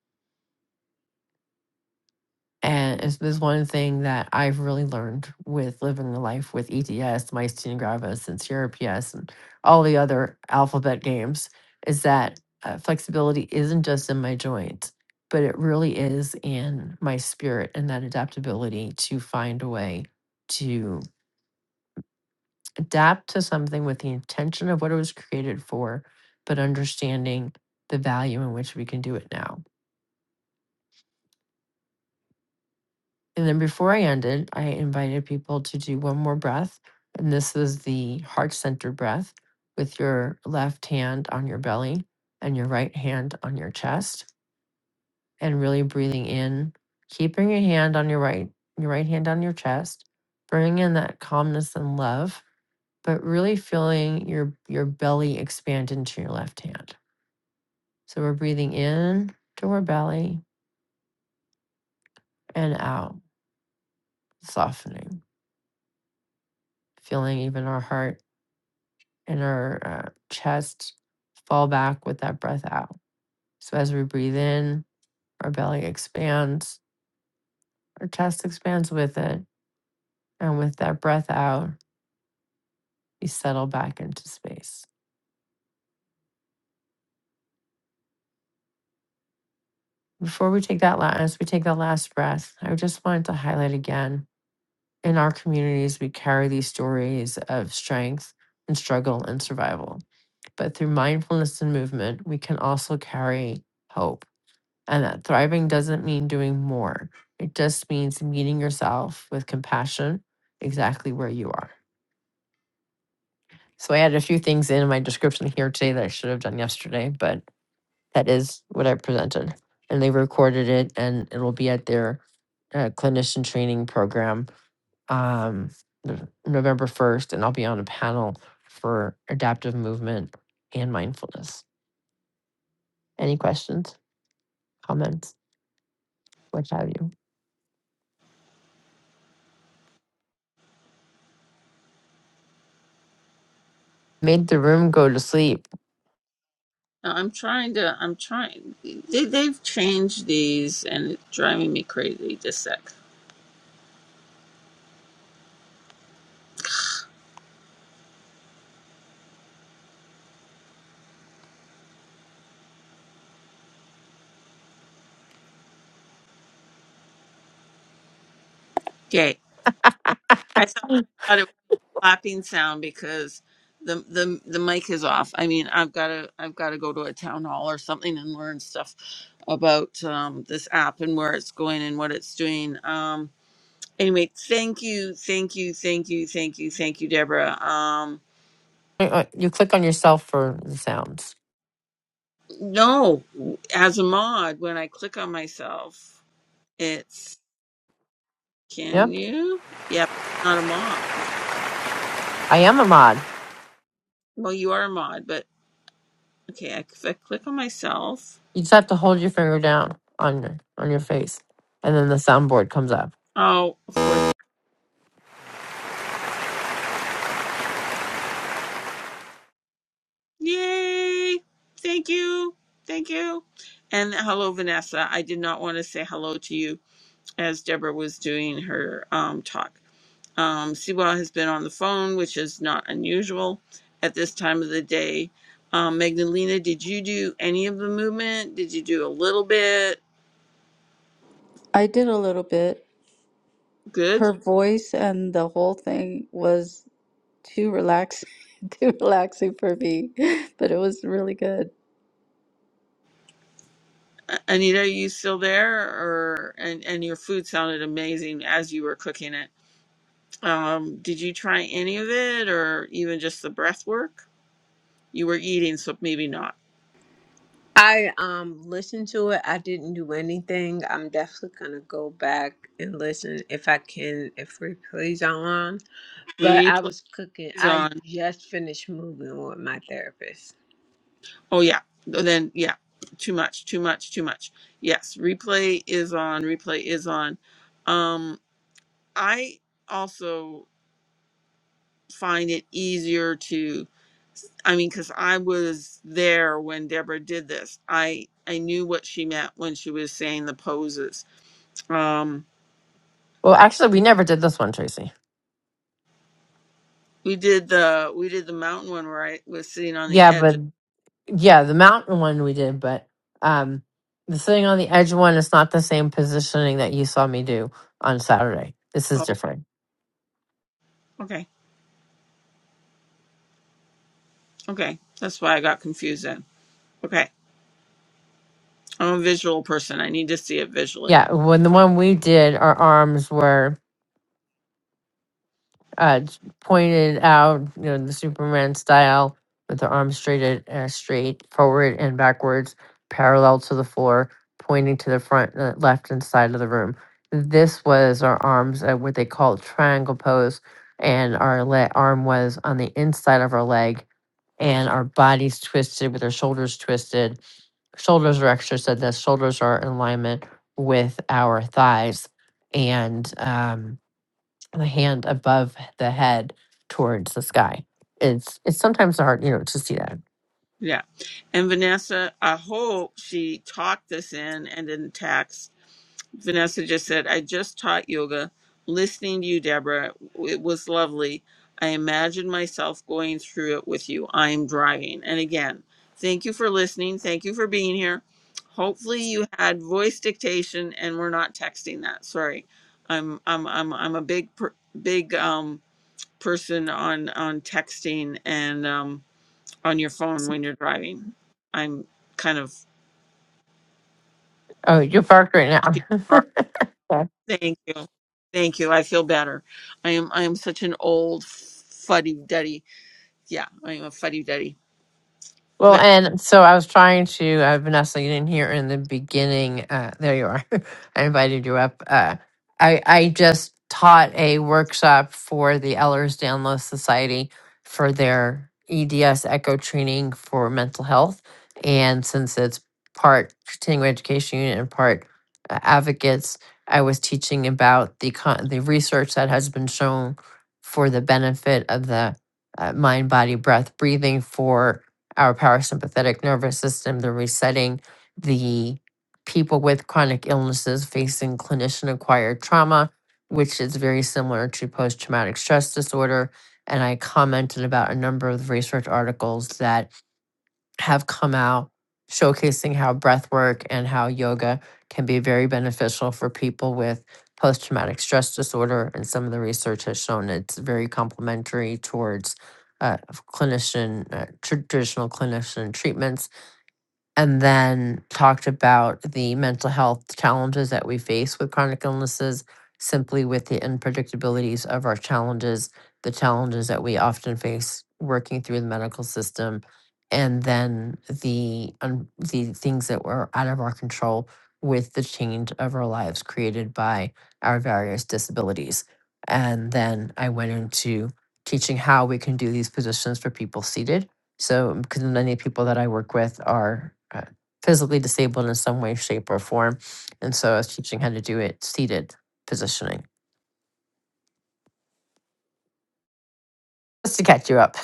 Speaker 5: And it's this one thing that I've really learned with living the life with EDS, myasthenia gravis, and CRPS, and all the other alphabet games is that uh, flexibility isn't just in my joints, but it really is in my spirit and that adaptability to find a way to adapt to something with the intention of what it was created for, but understanding the value in which we can do it now. And then before I ended, I invited people to do one more breath. And this was the heart center breath with your left hand on your belly and your right hand on your chest and really breathing in, keeping your hand on your right, your right hand on your chest, bringing in that calmness and love, but really feeling your, your belly expand into your left hand. So we're breathing in to our belly and out, softening, feeling even our heart and our uh, chest fall back with that breath out. So as we breathe in, our belly expands, our chest expands with it. And with that breath out, we settle back into space. Before we take that last, as we take that last breath, I just wanted to highlight again in our communities, we carry these stories of strength and struggle and survival. But through mindfulness and movement, we can also carry hope And that thriving doesn't mean doing more, it just means meeting yourself with compassion exactly where you are. So I added a few things in my description here today that I should have done yesterday, but that is what I presented. And they recorded it and it'll be at their uh, clinician training program um, Nov- November 1st. And I'll be on a panel for adaptive movement and mindfulness. Any questions, comments, what have you? Made the room go to sleep.
Speaker 1: No, I'm trying to. I'm trying. They, they've changed these and it's driving me crazy. Just a sec. Okay. I thought, thought it was a clapping sound because the the the mic is off. I mean, I've got to I've got to go to a town hall or something and learn stuff about um, this app and where it's going and what it's doing. Um, anyway, thank you, thank you, thank you, thank you, thank you, Deborah. Um,
Speaker 5: Wait, wait, You click on yourself for the sounds.
Speaker 1: no, as a mod, when I click on myself, it's can
Speaker 5: Yep.
Speaker 1: you? Yep, not a mod.
Speaker 5: I am a mod.
Speaker 1: Well, you are a mod, but okay, I, if I click on myself.
Speaker 5: You just have to hold your finger down on your on your face. And then the soundboard comes up.
Speaker 1: Oh, of course. Yay! Thank you. Thank you. And hello, Vanessa. I did not want to say hello to you as Deborah was doing her um, talk. Um, Sewell has been on the phone, which is not unusual at this time of the day. Um, Magdalena, did you do any of the movement? Did you do a little bit?
Speaker 2: i did a little bit
Speaker 1: Good.
Speaker 2: her voice and the whole thing was too relaxing too relaxing for me but it was really good
Speaker 1: A- Anita, are you still there? Or and, and your food sounded amazing as you were cooking it. Um, did you try any of it or even just the breath work? You were eating, so maybe not.
Speaker 4: I um listened to it. I didn't do anything. I'm definitely gonna go back and listen if I can, if replays are on. But I
Speaker 1: Replays
Speaker 4: was cooking. I
Speaker 1: on.
Speaker 4: just finished moving with my therapist.
Speaker 1: Oh, yeah. Then, yeah. Too much, too much, too much. Yes, replay is on. Replay is on. Um, I also find it easier to, I mean, because I was there when Deborah did this. I, I knew what she meant when she was saying the poses. Um,
Speaker 5: Well, actually we never did this one, Tracy.
Speaker 1: we did the we did the mountain one where I was sitting on the
Speaker 5: Yeah,
Speaker 1: edge.
Speaker 5: but
Speaker 1: Of,
Speaker 5: yeah, the mountain one we did, but um the sitting on the edge one is not the same positioning that you saw me do on Saturday. This is
Speaker 1: oh,
Speaker 5: different.
Speaker 1: okay, okay. That's why I got confused then. Okay. I'm a visual person. I need to see it visually.
Speaker 5: Yeah, when the one we did, our arms were uh, j- pointed out, you know, the Superman style with the arms straight at, uh, straight forward and backwards, parallel to the floor, pointing to the front uh, left and side of the room. This was our arms at what they call triangle pose, and our le- arm was on the inside of our leg, and our bodies twisted with our shoulders twisted. Shoulders are extra said that shoulders are in alignment with our thighs, and um, the hand above the head towards the sky. It's it's sometimes hard, you know, to see that.
Speaker 1: Yeah. And Vanessa, I hope she talked this in and didn't tax. Vanessa just said, I just taught yoga. Listening to you, Deborah, it was lovely. I imagine myself going through it with you. I am driving. And again, thank you for listening. Thank you for being here. Hopefully you had voice dictation and we're not texting that. Sorry. I'm I'm I'm I'm a big per- big um person on on texting and um on your phone when you're driving. I'm kind of
Speaker 5: Oh, you're parked right
Speaker 1: she-
Speaker 5: now.
Speaker 1: thank you. Thank you. I feel better. I am I am such an old fuddy duddy. Yeah, I am a fuddy duddy.
Speaker 5: Well,
Speaker 1: But
Speaker 5: and so I was trying to, uh, Vanessa, you didn't hear in the beginning. Uh, there you are. I invited you up. Uh, I, I just taught a workshop for the Ehlers-Danlos Society for their EDS echo training for mental health. And since it's part continuing education unit and part uh, advocates, I was teaching about the con- the research that has been shown for the benefit of the uh, mind, body, breath, breathing for our parasympathetic nervous system, the resetting the people with chronic illnesses facing clinician acquired trauma, which is very similar to post traumatic stress disorder. And I commented about a number of research articles that have come out showcasing how breath work and how yoga can be very beneficial for people with post traumatic stress disorder. And some of the research has shown it's very complementary towards uh, clinician, uh, traditional clinician treatments and then talked about the mental health challenges that we face with chronic illnesses, simply with the unpredictabilities of our challenges, the challenges that we often face working through the medical system, and then the un- the things that were out of our control with the change of our lives created by our various disabilities. And then I went into teaching how we can do these positions for people seated so, because many people that I work with are uh, physically disabled in some way, shape, or form. And so I was teaching how to do it seated positioning just to catch you up,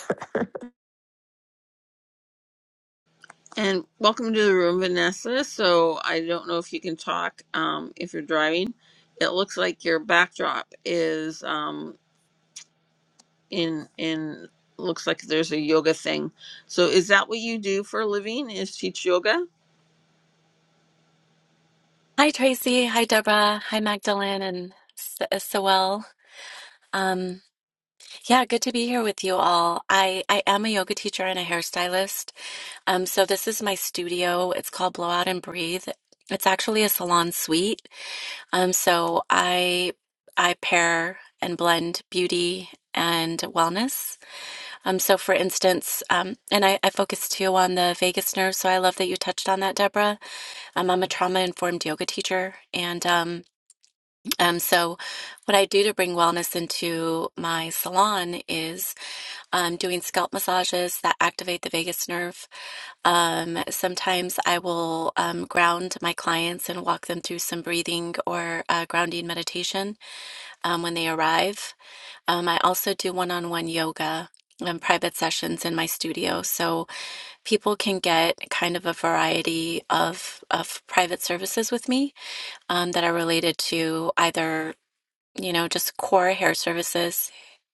Speaker 1: and welcome to the room, Vanessa. So I don't know if you can talk um if you're driving. It looks like your backdrop is um in in looks like there's a yoga thing. So is that what you do for a living? Is teach yoga?
Speaker 6: Hi, Tracy. Hi, Deborah. Hi, Magdalene and S- uh, Sewell. Um, yeah, good to be here with you all. I, I am a yoga teacher and a hairstylist. Um, so this is my studio. It's called Blowout and Breathe. It's actually a salon suite. Um, so I I pair and blend beauty and wellness. Um, so for instance, um, and I, I focus too on the vagus nerve. So I love that you touched on that, Deborah. Um, I'm a trauma informed yoga teacher, and um, Um, so, what I do to bring wellness into my salon is um, doing scalp massages that activate the vagus nerve. Um, sometimes I will um, ground my clients and walk them through some breathing or uh, grounding meditation um, when they arrive. Um, I also do one on one yoga. And private sessions in my studio. So people can get kind of a variety of, of private services with me um, that are related to either you know, just core hair services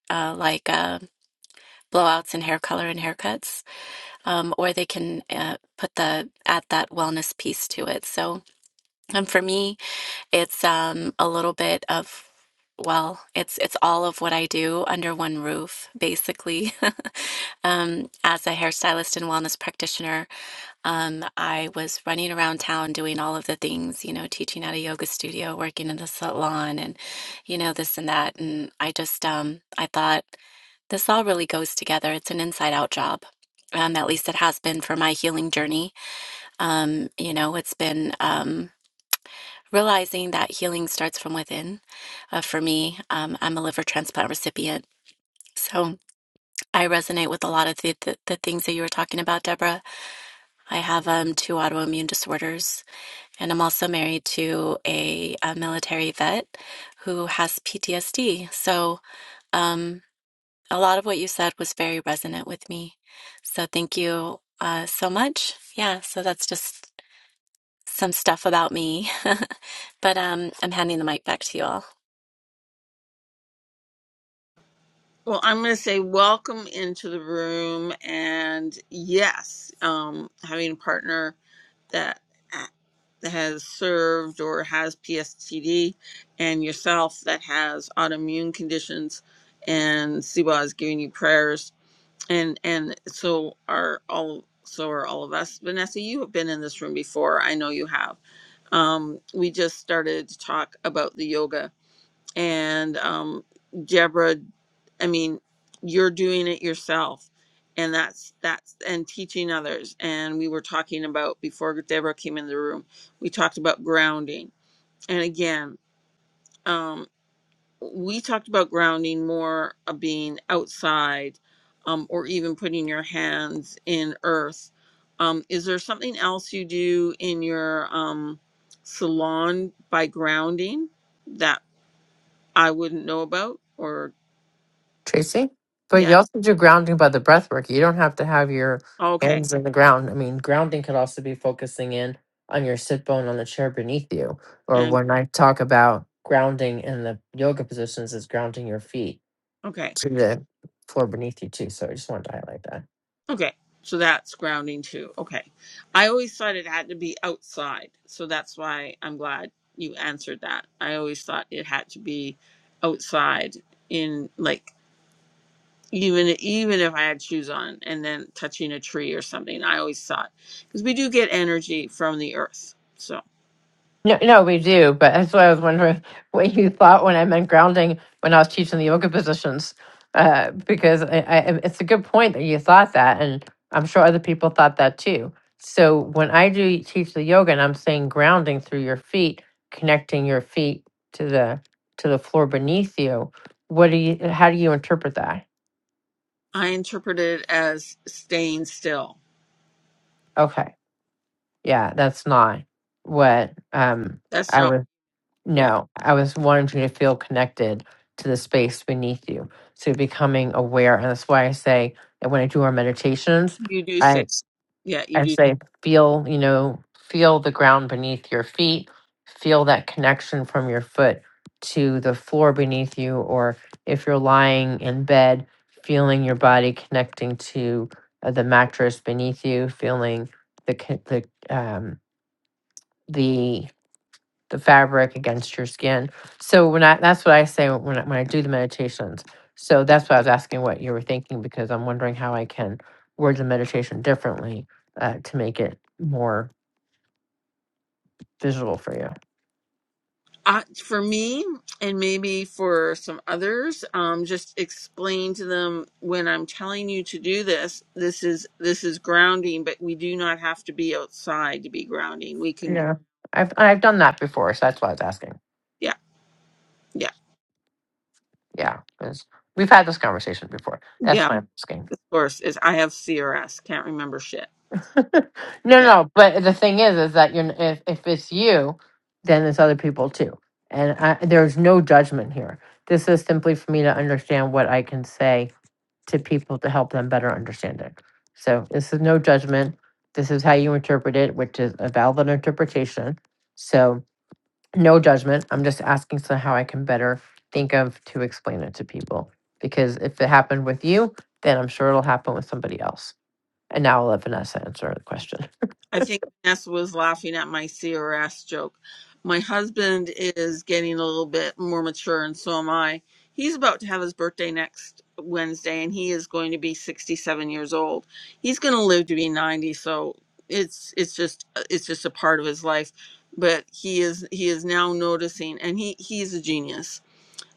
Speaker 6: uh, like uh, blowouts and hair color and haircuts, um, or they can uh, put the add that wellness piece to it. So um, for me, it's um, a little bit of well, it's it's all of what I do under one roof, basically, um, as a hairstylist and wellness practitioner um, I was running around town doing all of the things, you know, teaching at a yoga studio, working in the salon, and, you know, this and that. And I just, um, I thought this all really goes together. It's an inside out job. Um, at least it has been for my healing journey. Um, you know, it's been um, realizing that healing starts from within. Uh, for me, um, I'm a liver transplant recipient. So I resonate with a lot of the, the, the things that you were talking about, Deborah. I have um, two autoimmune disorders And I'm also married to a, a military vet who has PTSD. So um, a lot of what you said was very resonant with me. So thank you uh, so much. Yeah, so that's just some stuff about me. but um, I'm handing the mic back to you all.
Speaker 1: Well, I'm going to say welcome into the room, and yes, um, having a partner that that has served or has PSTD, and yourself that has autoimmune conditions, and Siwa is giving you prayers, and and so are all so are all of us. Vanessa, you have been in this room before. I know you have. Um, we just started to talk about the yoga and um Deborah, I mean, you're doing it yourself, and that's that's and teaching others. And we were talking about before Deborah came in the room, we talked about grounding, and again, um, we talked about grounding more of being outside, um, or even putting your hands in earth. Um, is there something else you do in your um, salon by grounding that I wouldn't know about, or
Speaker 5: Tracy. But
Speaker 1: Yeah.
Speaker 5: you also do grounding by the breath work. You don't have to have your
Speaker 1: Okay.
Speaker 5: hands in the ground. I mean, grounding could also be focusing in on your sit bone on the chair beneath you. Or
Speaker 1: And
Speaker 5: when I talk about grounding in the yoga positions, is grounding your feet
Speaker 1: okay.
Speaker 5: to the floor beneath you too. So I just wanted to highlight that.
Speaker 1: Okay. So that's grounding too. Okay. I always thought it had to be outside. So that's why I'm glad you answered that. I always thought it had to be outside in like even even if I had shoes on and then touching a tree or something. I always thought because we do get energy from the earth. So
Speaker 5: No, no, we do, but that's why I was wondering what you thought when I meant grounding when I was teaching the yoga positions, uh, because I, I, it's a good point that you thought that, and I'm sure other people thought that too. So when I do teach the yoga, and I'm saying grounding through your feet, connecting your feet to the to the floor beneath you, what do you? How do you interpret that?
Speaker 1: I interpret it as staying still.
Speaker 5: Okay, yeah, that's not what um,
Speaker 1: That's
Speaker 5: I
Speaker 1: not
Speaker 5: was.
Speaker 1: yeah.
Speaker 5: No, I was wanting you to feel connected to the space beneath you. So becoming aware, and that's why I say that when I do our meditations,
Speaker 1: You do
Speaker 5: I
Speaker 1: say yeah, you
Speaker 5: I
Speaker 1: do
Speaker 5: say feel you know feel the ground beneath your feet, feel that connection from your foot to the floor beneath you, or if you're lying in bed, feeling your body connecting to uh, the mattress beneath you, feeling the co- the um, the the fabric against your skin. So when I that's what I say when I, when I do the meditations. So that's why I was asking what you were thinking because I'm wondering how I can word the meditation differently uh, to make it more visual for you.
Speaker 1: uh, for me and maybe for some others um, just explain to them when i'm telling you to do this this is this is grounding but we do not have to be outside to be grounding we can gr-
Speaker 5: Yeah, I've I've done that before, so that's why I was asking.
Speaker 1: yeah yeah
Speaker 5: Yeah, 'cause we've had this conversation before. That's
Speaker 1: yeah
Speaker 5: why I'm asking.
Speaker 1: of course is i have crs can't remember shit
Speaker 5: No, no,
Speaker 1: yeah.
Speaker 5: no, but the thing is, is that you're if if it's you, then there's other people too, and I, there's no judgment here. This is simply for me to understand what I can say to people to help them better understand it. So this is no judgment. This is how you interpret it, which is a valid interpretation. So no judgment. I'm just asking so how I can better think of to explain it to people. Because if it happened with you, then I'm sure it'll happen with somebody else. And now I'll let Vanessa answer the question.
Speaker 1: I think Vanessa was laughing at my CRS joke. My husband is getting a little bit more mature, and so am I. He's about to have his birthday next Wednesday, and he is going to be 67 years old. He's going to live to be 90, so it's it's just it's just a part of his life. But he is he is now noticing, and he he's a genius.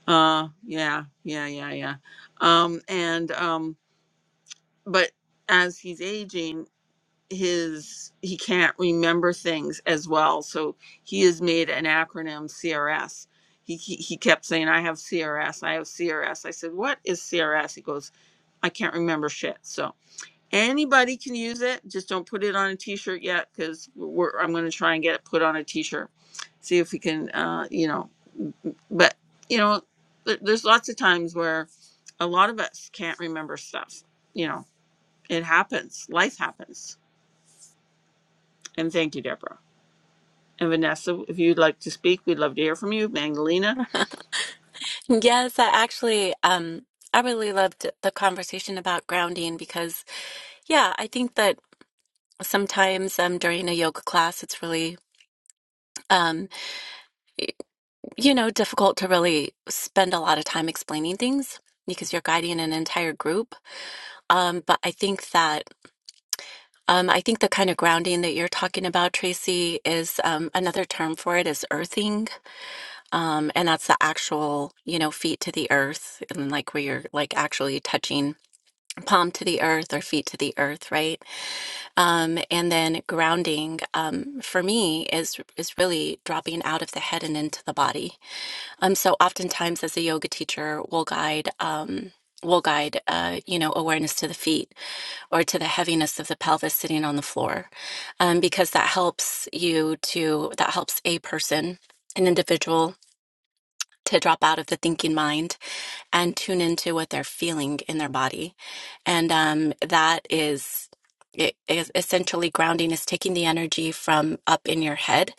Speaker 1: Uh, yeah, yeah, yeah, yeah. Um, and um, but as he's aging his he can't remember things as well so he has made an acronym crs he, he he kept saying i have crs i have crs i said what is crs he goes i can't remember shit so anybody can use it just don't put it on a t-shirt yet because we're i'm going to try and get it put on a t-shirt see if we can uh you know but you know there, there's lots of times where a lot of us can't remember stuff you know it happens life happens and thank you deborah And Vanessa, if you'd like to speak, we'd love to hear from you. Magdalena,
Speaker 6: Yes, I actually, um, I really loved the conversation about grounding because, yeah, I think that sometimes um, during a yoga class, it's really. um, you know, difficult to really spend a lot of time explaining things because you're guiding an entire group. Um, but I think that um, I think the kind of grounding that you're talking about, Tracy, is um, another term for it is earthing, um, and that's the actual you know feet to the earth and like where you're like actually touching palm to the earth or feet to the earth, right? Um, and then grounding um, for me is is really dropping out of the head and into the body Um, so oftentimes as a yoga teacher, we'll guide um, we'll guide uh, you know awareness to the feet or to the heaviness of the pelvis sitting on the floor, um, because that helps you to that helps a person, an individual. To drop out of the thinking mind and tune into what they're feeling in their body, and um, that is, it is essentially grounding is taking the energy from up in your head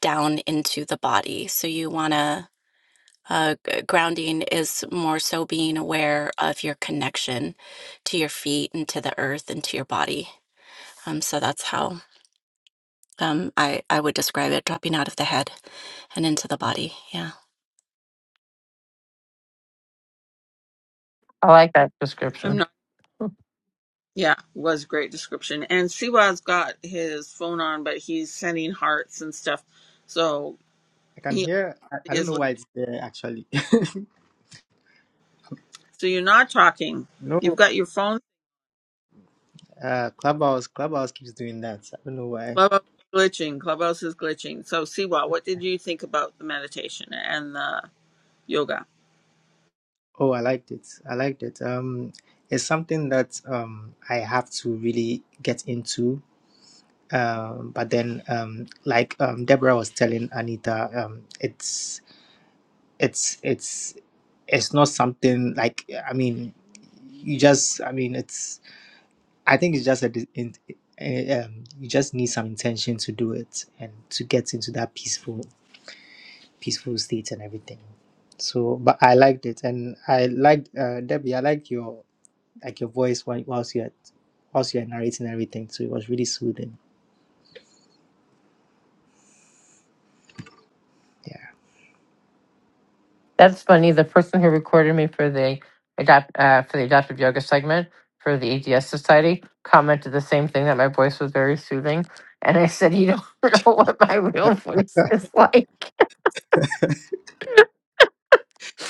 Speaker 6: down into the body. So you want to uh, g- grounding is more so being aware of your connection to your feet and to the earth and to your body. Um, so that's how um, I, I would describe it dropping out of the head and into the body. Yeah.
Speaker 5: I like that
Speaker 1: I'm
Speaker 5: description.
Speaker 1: not. Yeah, was a great description. And Siwa's got his phone on, but he's sending hearts and stuff. So
Speaker 3: I can
Speaker 1: he
Speaker 3: hear. I, I don't know
Speaker 1: is.
Speaker 3: why it's there actually.
Speaker 1: So you're not talking.
Speaker 3: No,
Speaker 1: You've got your phone.
Speaker 3: uh, Clubhouse, Clubhouse keeps doing that. I don't know why.
Speaker 1: Clubhouse is glitching. Clubhouse is glitching. So Siwa, what did you think about the meditation and the yoga?
Speaker 3: Oh, I liked it. I liked it. Um, it's something that um I have to really get into. Um, but then um, like um, Deborah was telling Anita, um, it's it's it's it's not something like I mean, you just I mean it's I think it's just a dis- in, eh, um, you just need some intention to do it and to get into that peaceful peaceful state and everything. So, but I liked it and I liked uh, Debbie. I liked your like your voice while whilst you're whilst you're narrating everything. So it was really soothing. Yeah.
Speaker 5: That's funny. The person who recorded me for the adapt uh, for the adaptive yoga segment for the ADS Society commented the same thing that my voice was very soothing, and I said, "You don't know what my real voice is like."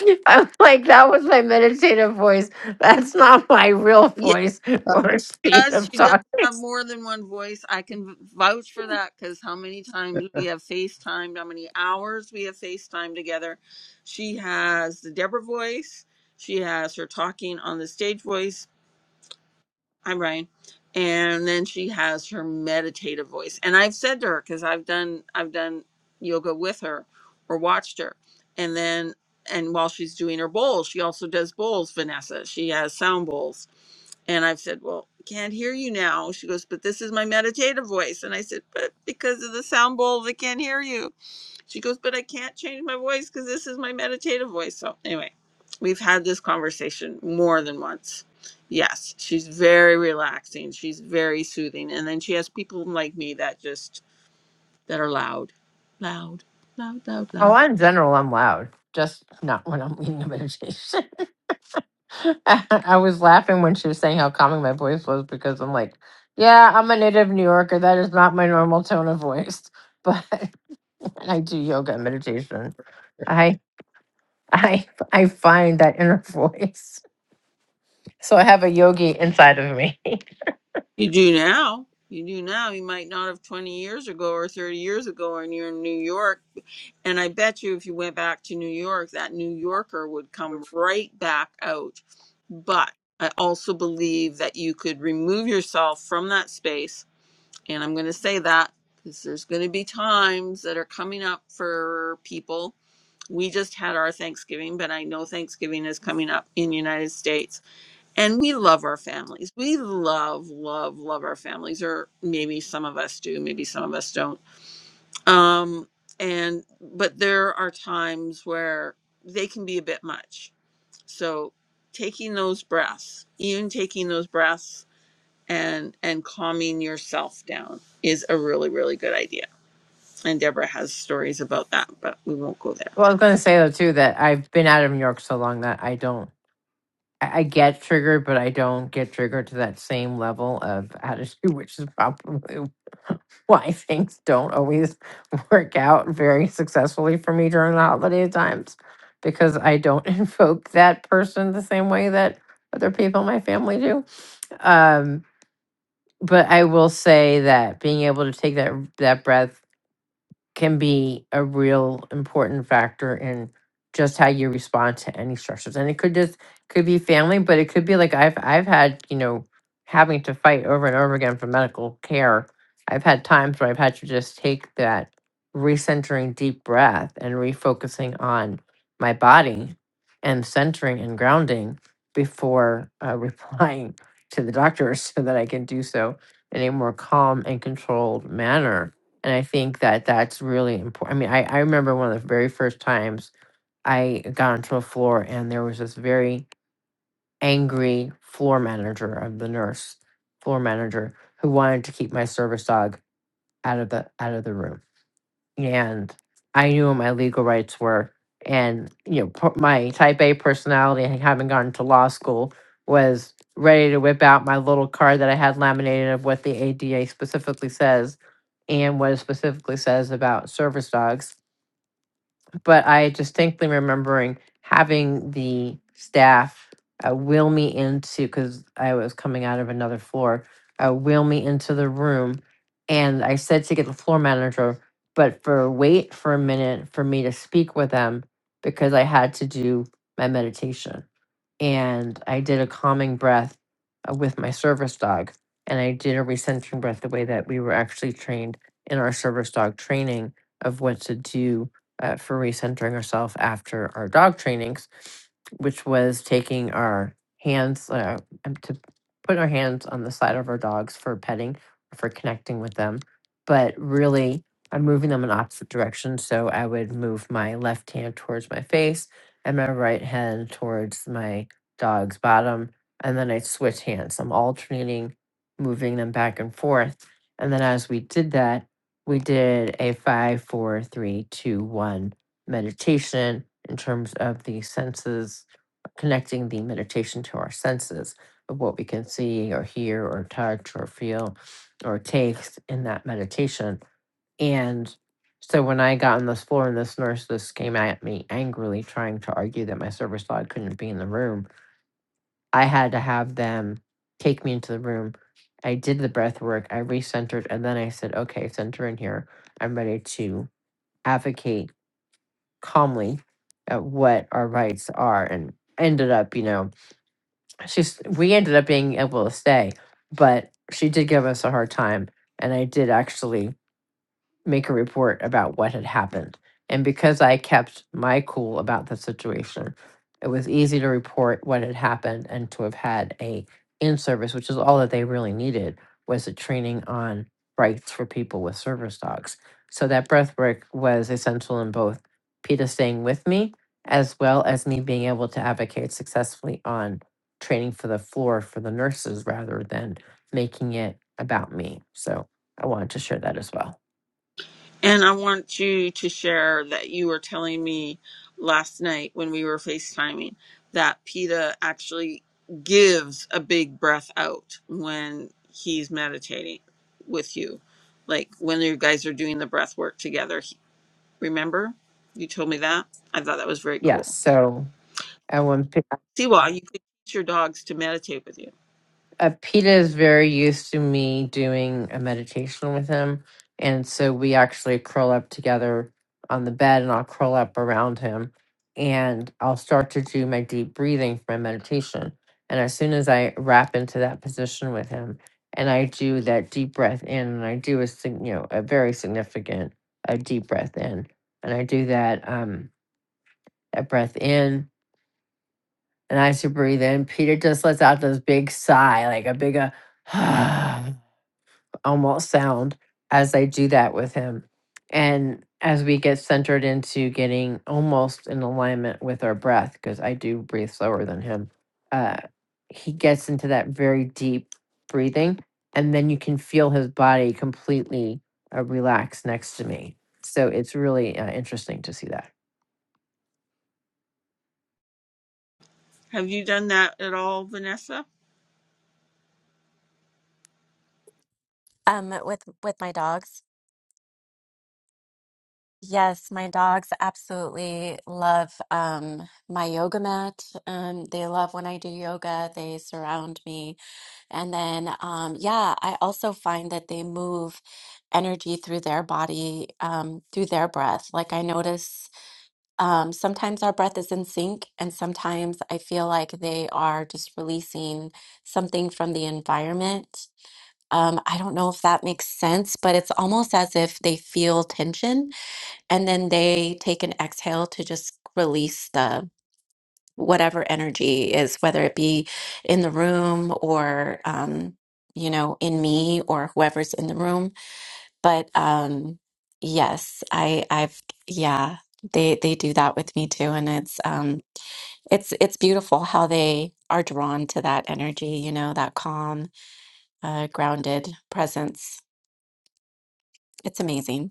Speaker 5: I'm like, that was my meditative voice. That's not my real voice or speed
Speaker 1: does
Speaker 5: of
Speaker 1: she does
Speaker 5: talking.
Speaker 1: have more than one voice i can vouch for that because how many times we have facetimed how many hours we have facetimed together she has the deborah voice she has her talking on the stage voice hi brian and then she has her meditative voice and i've said to her because i've done i've done yoga with her or watched her and then and while she's doing her bowls she also does bowls vanessa she has sound bowls and I've said, Well, can't hear you now. She goes, But this is my meditative voice. And I said, But because of the sound bowl, they can't hear you. She goes, But I can't change my voice because this is my meditative voice. So, anyway, we've had this conversation more than once. Yes, she's very relaxing. She's very soothing. And then she has people like me that just, that are loud, loud, loud, loud,
Speaker 5: Oh,
Speaker 1: loud.
Speaker 5: in general, I'm loud. Just not when I'm leading a meditation. I was laughing when she was saying how calming my voice was because I'm like, yeah, I'm a native New Yorker. That is not my normal tone of voice. But and I do yoga and meditation. I I I find that inner voice. So I have a yogi inside of me.
Speaker 1: You do now. You do now. You might not have 20 years ago or 30 years ago, and you're in New York And I bet you if you went back to New York, that New Yorker would come right back out. But I also believe that you could remove yourself from that space. And I'm going to say that because there's going to be times that are coming up for people. We just had our Thanksgiving, but I know Thanksgiving is coming up in the United States. And we love our families. We love, love, love our families, or maybe some of us do, maybe some of us don't um and but there are times where they can be a bit much so taking those breaths even taking those breaths and and calming yourself down is a really really good idea and deborah has stories about that but we won't go there
Speaker 5: Well, I was going to say though too that I've been out of New York so long that I don't. I I get triggered, but I don't get triggered to that same level of attitude, which is probably why things don't always work out very successfully for me during the holiday times, because I don't invoke that person the same way that other people in my family do. Um, but I will say that being able to take that that breath can be a real important factor in just how you respond to any stressors. And it could just could be family, but it could be like I've I've had, you know, having to fight over and over again for medical care. I've had times where I've had to just take that recentering deep breath and refocusing on my body and centering and grounding before uh, replying to the doctor so that I can do so in a more calm and controlled manner and I think that that's really important. I mean, I, I remember one of the very first times I got onto a floor and there was this very angry floor manager of the nurse, floor manager, who wanted to keep my service dog out of the out of the room. And I knew what my legal rights were. And you know, p- my type A personality, having gone to law school, was ready to whip out my little card that I had laminated of what the ADA specifically says and what it specifically says about service dogs. But I distinctly remembering having the staff uh, wheel me into because I was coming out of another floor, uh, wheel me into the room, and I said to get the floor manager, but for wait for a minute for me to speak with them because I had to do my meditation and I did a calming breath uh, with my service dog. And I did a recentering breath the way that we were actually trained in our service dog training of what to do uh, for recentering ourselves after our dog trainings, which was taking our hands uh, um, to put our hands on the side of our dogs for petting, for connecting with them. But really, I'm moving them in opposite directions. So I would move my left hand towards my face and my right hand towards my dog's bottom, and then I switch hands. I'm alternating, moving them back and forth. And then as we did that, we did a five, four, three, two, one meditation in terms of the senses, connecting the meditation to our senses of what we can see or hear or touch or feel or taste in that meditation. And so when I got on this floor and this nurse this came at me angrily trying to argue that my service dog couldn't be in the room, I had to have them take me into the room. I did the breath work, I recentered, and then I said, okay, center in here. I'm ready to advocate calmly at what our rights are. And ended up, you know, she's, we ended up being able to stay, but she did give us a hard time. And I did actually make a report about what had happened. And because I kept my cool about the situation, it was easy to report what had happened and to have had a in-service, which is all that they really needed, was a training on rights for people with service dogs. So that breath work was essential in both PETA staying with me as well as me being able to advocate successfully on training for the floor for the nurses rather than making it about me. So I wanted to share that as well.
Speaker 1: And I want you to share that you were telling me last night when we were FaceTiming that PETA actually gives a big breath out when he's meditating with you. Like when you guys are doing the breath work together. He- Remember? You told me that? I thought that was very
Speaker 5: Yes.
Speaker 1: cool.
Speaker 5: So I want P-
Speaker 1: Siwa, you could teach your dogs to meditate with you.
Speaker 5: uh, Peter is very used to me doing a meditation with him, and so we actually curl up together on the bed, and I'll curl up around him, and I'll start to do my deep breathing for my meditation. And as soon as I wrap into that position with him, and I do that deep breath in, and I do a sig- you know a very significant a deep breath in, and I do that um that breath in and I used breathe in. Peter just lets out this big sigh, like a big uh, almost sound as I do that with him. And as we get centered into getting almost in alignment with our breath, because I do breathe slower than him, uh, he gets into that very deep breathing. And then you can feel his body completely uh, relax next to me. So it's really uh, interesting to see that.
Speaker 1: Have you done that at all, Vanessa?
Speaker 6: Um, my dogs. Yeah, um, my cat, um, yoga, they surround me. And then, um, yeah, I also find that they move energy through their body, um, through their breath. Like I notice Um, sometimes our breath is in sync, and sometimes I feel like they are just releasing something from the environment. Um, I don't know if that makes sense, but it's almost as if they feel tension and then they take an exhale to just release the whatever energy is, whether it be in the room or, um, you know, in me or whoever's in the room. But um, yes, I I've yeah, they they do that with me too, and it's um, it's it's beautiful how they are drawn to that energy, you know, that calm, uh, grounded presence. It's amazing.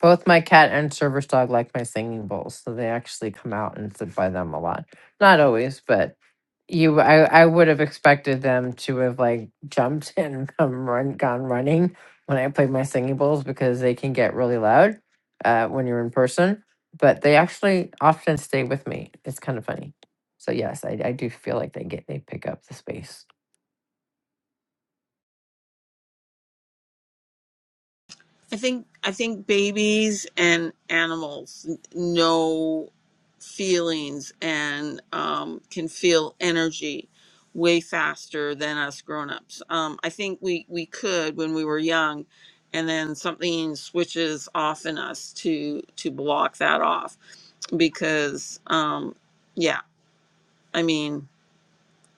Speaker 5: Both my cat and service dog like my singing bowls, so they actually come out and sit by them a lot. Not always, but you, I, I would have expected them to have like jumped and come run, gone running when I played my singing bowls because they can get really loud uh, when you're in person. But they actually often stay with me. It's kind of funny. So yes, I, I do feel like they get they pick up the space.
Speaker 1: I think I think babies and animals n- know feelings and um, can feel energy way faster than us grown-ups. Um, I think we we could when we were young, and then something switches off in us to to block that off because um, yeah, I mean.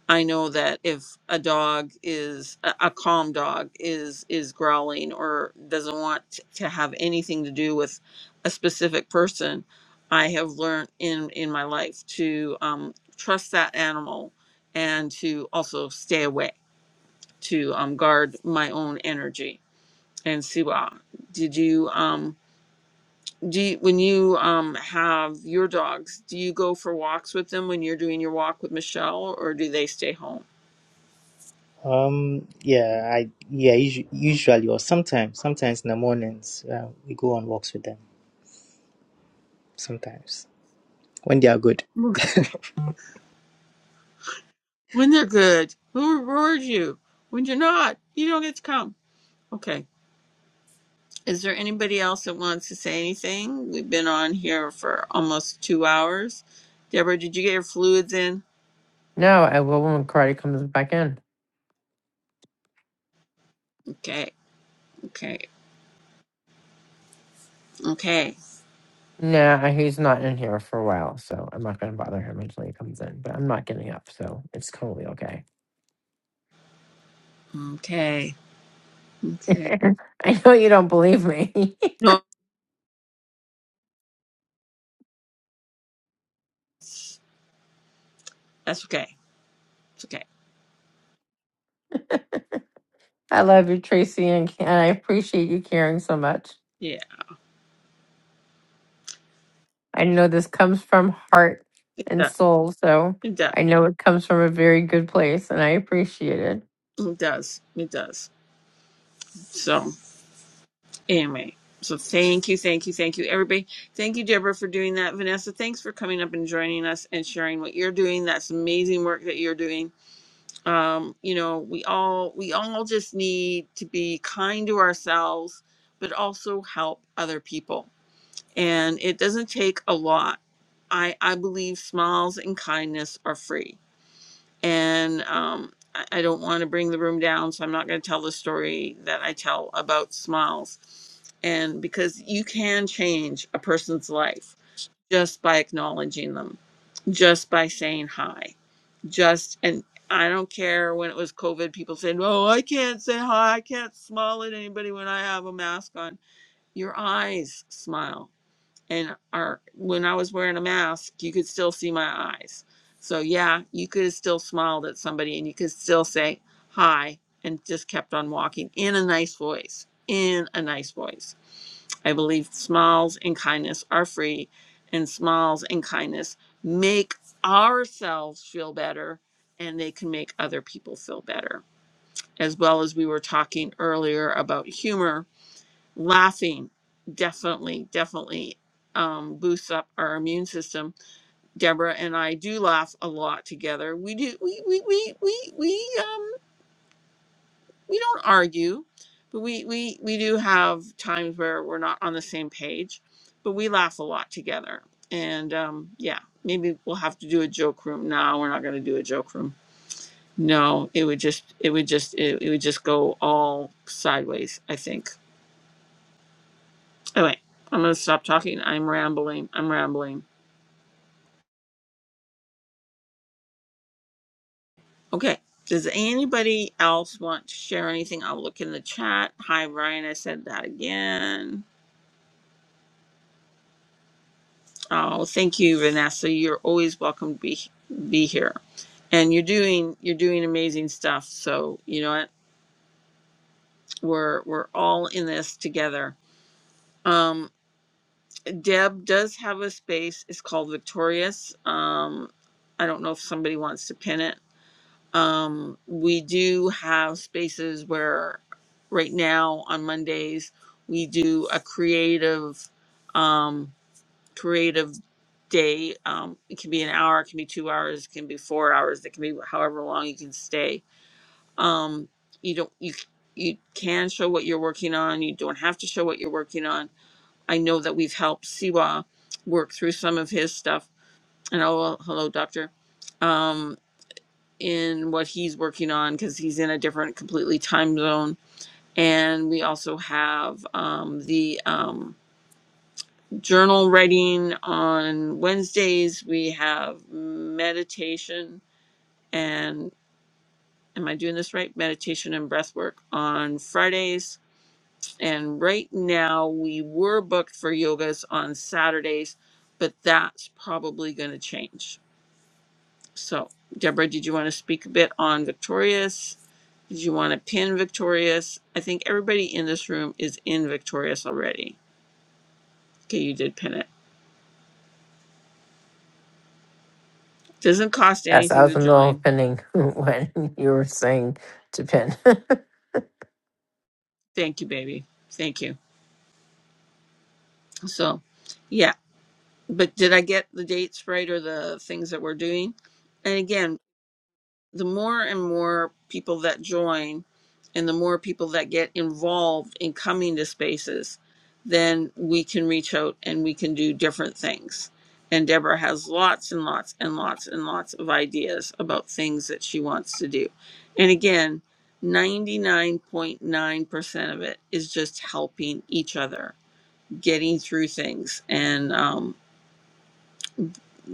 Speaker 1: I know that if a dog is a a calm dog is is growling or doesn't want to have anything to do with a specific person, I have learned in in my life to um, trust that animal and to also stay away to um, guard my own energy. And Siwa, did you um do you, when you um have your dogs, do you go for walks with them when you're doing your walk with Michelle, or do they stay home?
Speaker 3: Um. Yeah. I. Yeah. Usually, usually or sometimes, sometimes in the mornings, uh, we go on walks with them. sometimes when they are good.
Speaker 1: When they're good, who rewards you? When you're not, you don't get to come. Okay. Is there anybody else that wants to say anything? We've been on here for almost two hours. Deborah, did you get your fluids in?
Speaker 5: No, I will when karate comes back in.
Speaker 1: Okay. Okay. Okay.
Speaker 5: Nah, he's not in here for a while, so I'm not gonna bother him until he comes in. But I'm not getting up, so it's totally okay.
Speaker 1: Okay. Okay.
Speaker 5: I know you don't believe me.
Speaker 1: No, that's okay. It's okay.
Speaker 5: I love you, Tracy, and, and I appreciate you caring so much.
Speaker 1: Yeah.
Speaker 5: I know this comes from heart
Speaker 1: It
Speaker 5: and
Speaker 1: does.
Speaker 5: soul, so
Speaker 1: It does.
Speaker 5: I know it comes from a very good place, and I appreciate it.
Speaker 1: It does. It does. So. Anyway, so thank you, thank you, thank you, everybody. Thank you, Deborah, for doing that. Vanessa, thanks for coming up and joining us and sharing what you're doing. That's amazing work that you're doing. Um, you know, we all we all just need to be kind to ourselves, but also help other people. And it doesn't take a lot. I I believe smiles and kindness are free and um, I, I don't want to bring the room down, so I'm not going to tell the story that I tell about smiles. And because you can change a person's life just by acknowledging them, just by saying hi, just and I don't care when it was COVID, people said, Oh, I can't say hi. I can't smile at anybody when I have a mask on. Your eyes smile and our when I was wearing a mask, you could still see my eyes. So yeah, you could have still smiled at somebody and you could still say hi and just kept on walking in a nice voice. In a nice voice. I believe smiles and kindness are free and smiles and kindness make ourselves feel better and they can make other people feel better. As well as we were talking earlier about humor laughing definitely definitely um, boosts up our immune system deborah and i do laugh a lot together we do we we we we, we um we don't argue but we we we do have times where we're not on the same page but we laugh a lot together and um yeah maybe we'll have to do a joke room no we're not going to do a joke room no it would just it would just it, it would just go all sideways i think Anyway, I'm going to stop talking. I'm rambling. I'm rambling. Okay. Does anybody else want to share anything? I'll look in the chat. Hi, Ryan. I said that again. Oh, thank you, Vanessa. You're always welcome to be be here, and you're doing you're doing amazing stuff. So you know what? We're we're all in this together. Um, Deb does have a space. It's called Victorious. Um, I don't know if somebody wants to pin it Um, we do have spaces where, right now on Mondays, we do a creative, um, creative day. Um, it can be an hour, it can be two hours, it can be four hours, it can be however long you can stay. Um, you don't you you can show what you're working on. You don't have to show what you're working on. I know that we've helped Siwa work through some of his stuff. And oh, well, hello, doctor. Um, in what he's working on because he's in a different, completely time zone. And we also have um, the um, journal writing on Wednesdays. We have meditation and, am I doing this right? Meditation and breath work on Fridays. And right now we were booked for yogas on Saturdays, but that's probably going to change. So, Deborah, did you want to speak a bit on Victorious? Did you want to pin Victorious? I think everybody in this room is in Victorious already. Okay, you did pin it. Doesn't cost
Speaker 5: Yes, I
Speaker 1: anything
Speaker 5: was
Speaker 1: to
Speaker 5: in the middle of
Speaker 1: join.
Speaker 5: pinning when you were saying to pin.
Speaker 1: Thank you, baby. Thank you. So, yeah. But did I get the dates right or the things that we're doing? And again, the more and more people that join and the more people that get involved in coming to spaces, then we can reach out and we can do different things. And Deborah has lots and lots and lots and lots of ideas about things that she wants to do. And again, 99.9% of it is just helping each other, getting through things and um,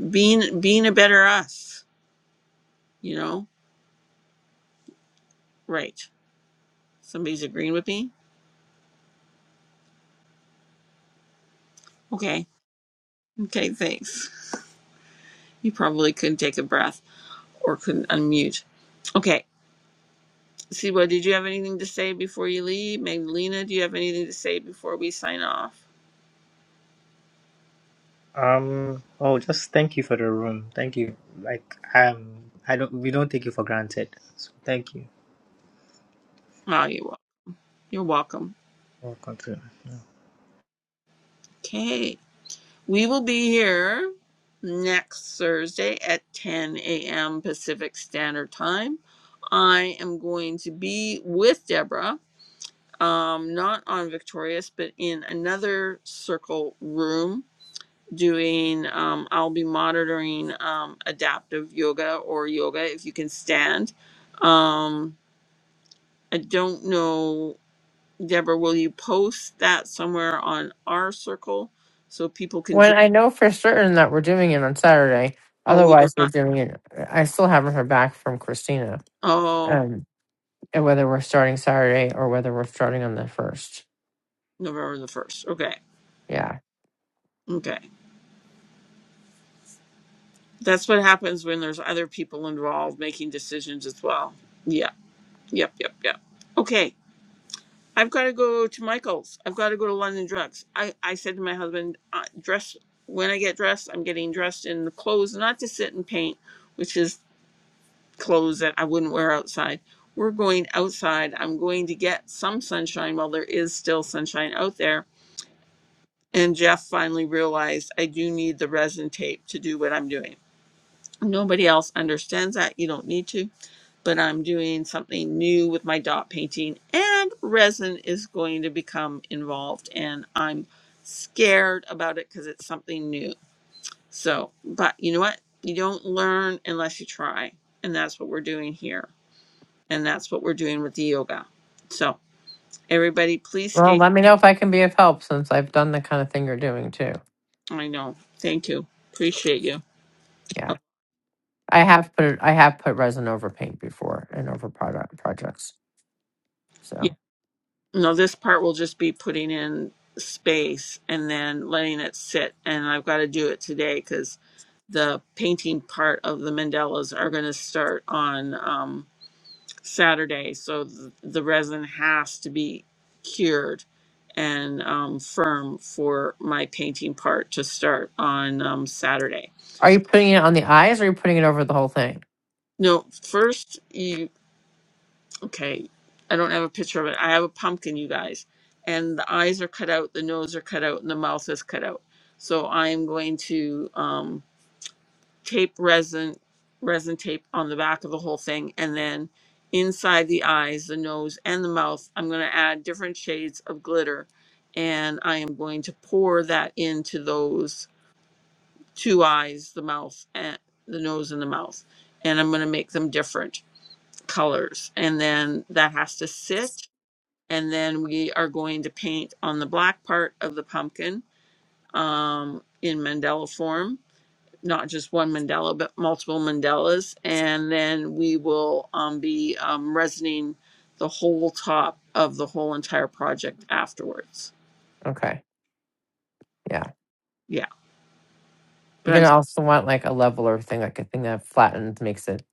Speaker 1: being being a better us, you know? Right. Somebody's agreeing with me? Okay. Okay, thanks. You probably couldn't take a breath or couldn't unmute. Okay. Siwa, did you have anything to say before you leave? Magdalena, do you have anything to say before we sign off?
Speaker 3: Um. Oh, just thank you for the room. Thank you. Like um, I don't. We don't take you for granted. So thank you.
Speaker 1: Oh, you're welcome. You're welcome.
Speaker 3: We'll continue.
Speaker 1: Okay. We will be here next Thursday at 10 a.m. Pacific Standard Time. I am going to be with Deborah, um, not on Victorious, but in another circle room doing um, i'll be monitoring um, adaptive yoga or yoga if you can stand um, i don't know deborah will you post that somewhere on our circle so people can join
Speaker 5: When I know for certain that we're doing it on Saturday,
Speaker 1: oh we are
Speaker 5: otherwise we're
Speaker 1: not
Speaker 5: doing it. I still haven't heard back from Christina,
Speaker 1: oh
Speaker 5: um, and whether we're starting Saturday or whether we're starting on the first.
Speaker 1: november the 1st okay
Speaker 5: Yeah.
Speaker 1: okay that's what happens when there's other people involved making decisions as well yeah yep yep yep okay I've got to go to Michael's. I've got to go to London Drugs. I, I said to my husband, uh, dress when I get dressed, I'm getting dressed in the clothes, not to sit and paint, which is clothes that I wouldn't wear outside. We're going outside. I'm going to get some sunshine while there is still sunshine out there. And Jeff finally realized I do need the resin tape to do what I'm doing. Nobody else understands that. You don't need to but I'm doing something new with my dot painting, and resin is going to become involved, and I'm scared about it because it's something new. So, but you know what? You don't learn unless you try, and that's what we're doing here, and that's what we're doing with the yoga. So, everybody, please
Speaker 5: Well,
Speaker 1: stay.
Speaker 5: let me know if I can be of help since I've done the kind of thing you're doing too.
Speaker 1: I know. Thank you. Appreciate you.
Speaker 5: Yeah,
Speaker 1: Oh,
Speaker 5: I have put I have put resin over paint before and over product projects.
Speaker 1: yeah.
Speaker 5: So,
Speaker 1: No, this part will just be putting in space and then letting it sit, and I've got to do it today because the painting part of the mandalas are going to start on um, Saturday. So th- the resin has to be cured and um, firm for my painting part to start on um, Saturday.
Speaker 5: are you putting it on the eyes or are you putting it over the whole thing?
Speaker 1: No, first, you, okay, I don't have a picture of it. I have a pumpkin, you guys. And the eyes are cut out, the nose are cut out, and the mouth is cut out. So I am going to. Um, tape resin resin tape on the back of the whole thing and then inside the eyes the nose and the mouth i'm going to add different shades of glitter and i am going to pour that into those two eyes the mouth and the nose and the mouth and i'm going to make them different colors and then that has to sit and then we are going to paint on the black part of the pumpkin um, in mandela form not just one mandala, but multiple mandalas. And then we will um, be um, resining the whole top of the whole entire project afterwards.
Speaker 5: Okay. Yeah.
Speaker 1: Yeah,
Speaker 5: You're
Speaker 1: but I'm
Speaker 5: gonna also want like a leveler thing, like a thing that flattens, makes it.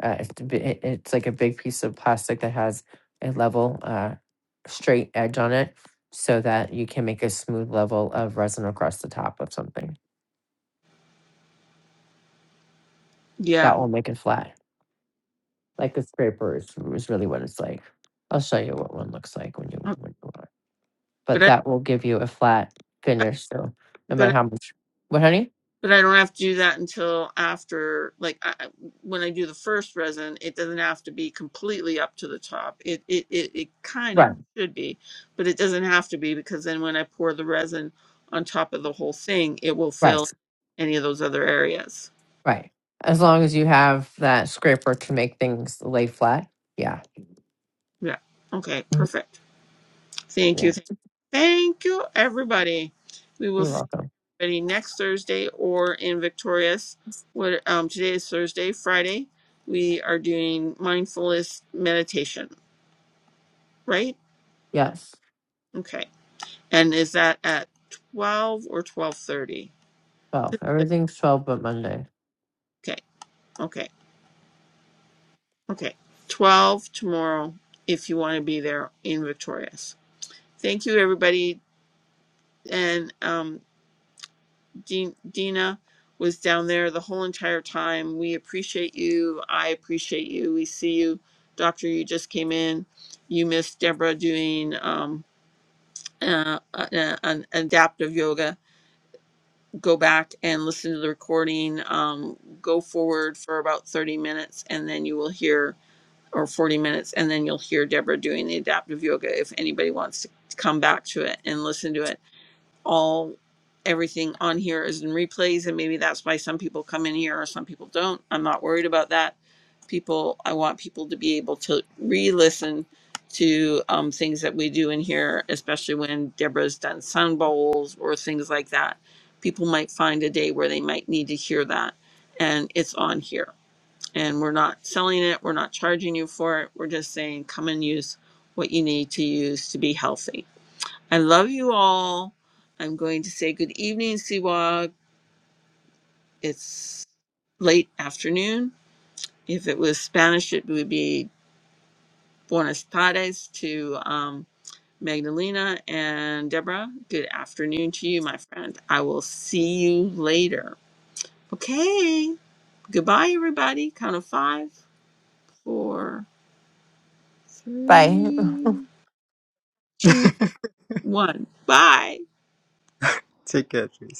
Speaker 5: Uh, it's, a bi- it- it's like a big piece of plastic that has a level, uh, straight edge on it, so that you can make a smooth level of resin across the top of something.
Speaker 1: yeah,
Speaker 5: That will make it flat. Like a scraper is, is really what it's like. I'll show you what one looks like when you
Speaker 1: Uh,
Speaker 5: when you want. But
Speaker 1: but I
Speaker 5: that will give you a flat
Speaker 1: I-
Speaker 5: finish. So no matter
Speaker 1: but
Speaker 5: how much, what honey?
Speaker 1: but I don't have to do that until after like I, I- when I do the first resin, it doesn't have to be completely up to the top. It it it, it kind of
Speaker 5: Right,
Speaker 1: should be, but it doesn't have to be because then when I pour the resin on top of the whole thing, it will
Speaker 5: right.
Speaker 1: fill any of those other areas.
Speaker 5: Right. As long as you have that scraper to make things lay flat. Yeah.
Speaker 1: Yeah. Okay. Perfect. Thank
Speaker 5: Yeah.
Speaker 1: you. Thank you, Thank you, everybody. We will
Speaker 5: You're
Speaker 1: see
Speaker 5: welcome.
Speaker 1: everybody next Thursday or in Victorious. What um today is Thursday. Friday we are doing mindfulness meditation. Right.
Speaker 5: Yes.
Speaker 1: Okay. And is that at twelve or twelve thirty?
Speaker 5: 12. Everything's 12 but Monday.
Speaker 1: Okay. Okay. Okay. Twelve tomorrow if you want to be there in Victorious. Thank you, everybody, and um Dean- Dina was down there the whole entire time. We appreciate you. I appreciate you. We see you. Doctor, you just came in. You missed Deborah doing um, uh, uh, uh, an adaptive yoga. Go back and listen to the recording. Um, go forward for about 30 minutes and then you will hear, or 40 minutes, and then you'll hear Deborah doing the adaptive yoga if anybody wants to come back to it and listen to it all everything on here is in replays and maybe that's why some people come in here or some people don't i'm not worried about that people i want people to be able to re-listen to um, things that we do in here especially when deborah's done sun bowls or things like that people might find a day where they might need to hear that and it's on here and we're not selling it we're not charging you for it we're just saying come and use what you need to use to be healthy I love you all. I'm going to say good evening, Siwag. It's late afternoon. If it was Spanish, it would be buenas tardes to um, Magdalena and Deborah. Good afternoon to you, my friend. I will see you later. Okay. Goodbye, everybody. Count of five, four,
Speaker 5: Bye.
Speaker 1: three, two, one. Bye.
Speaker 3: Take care, please.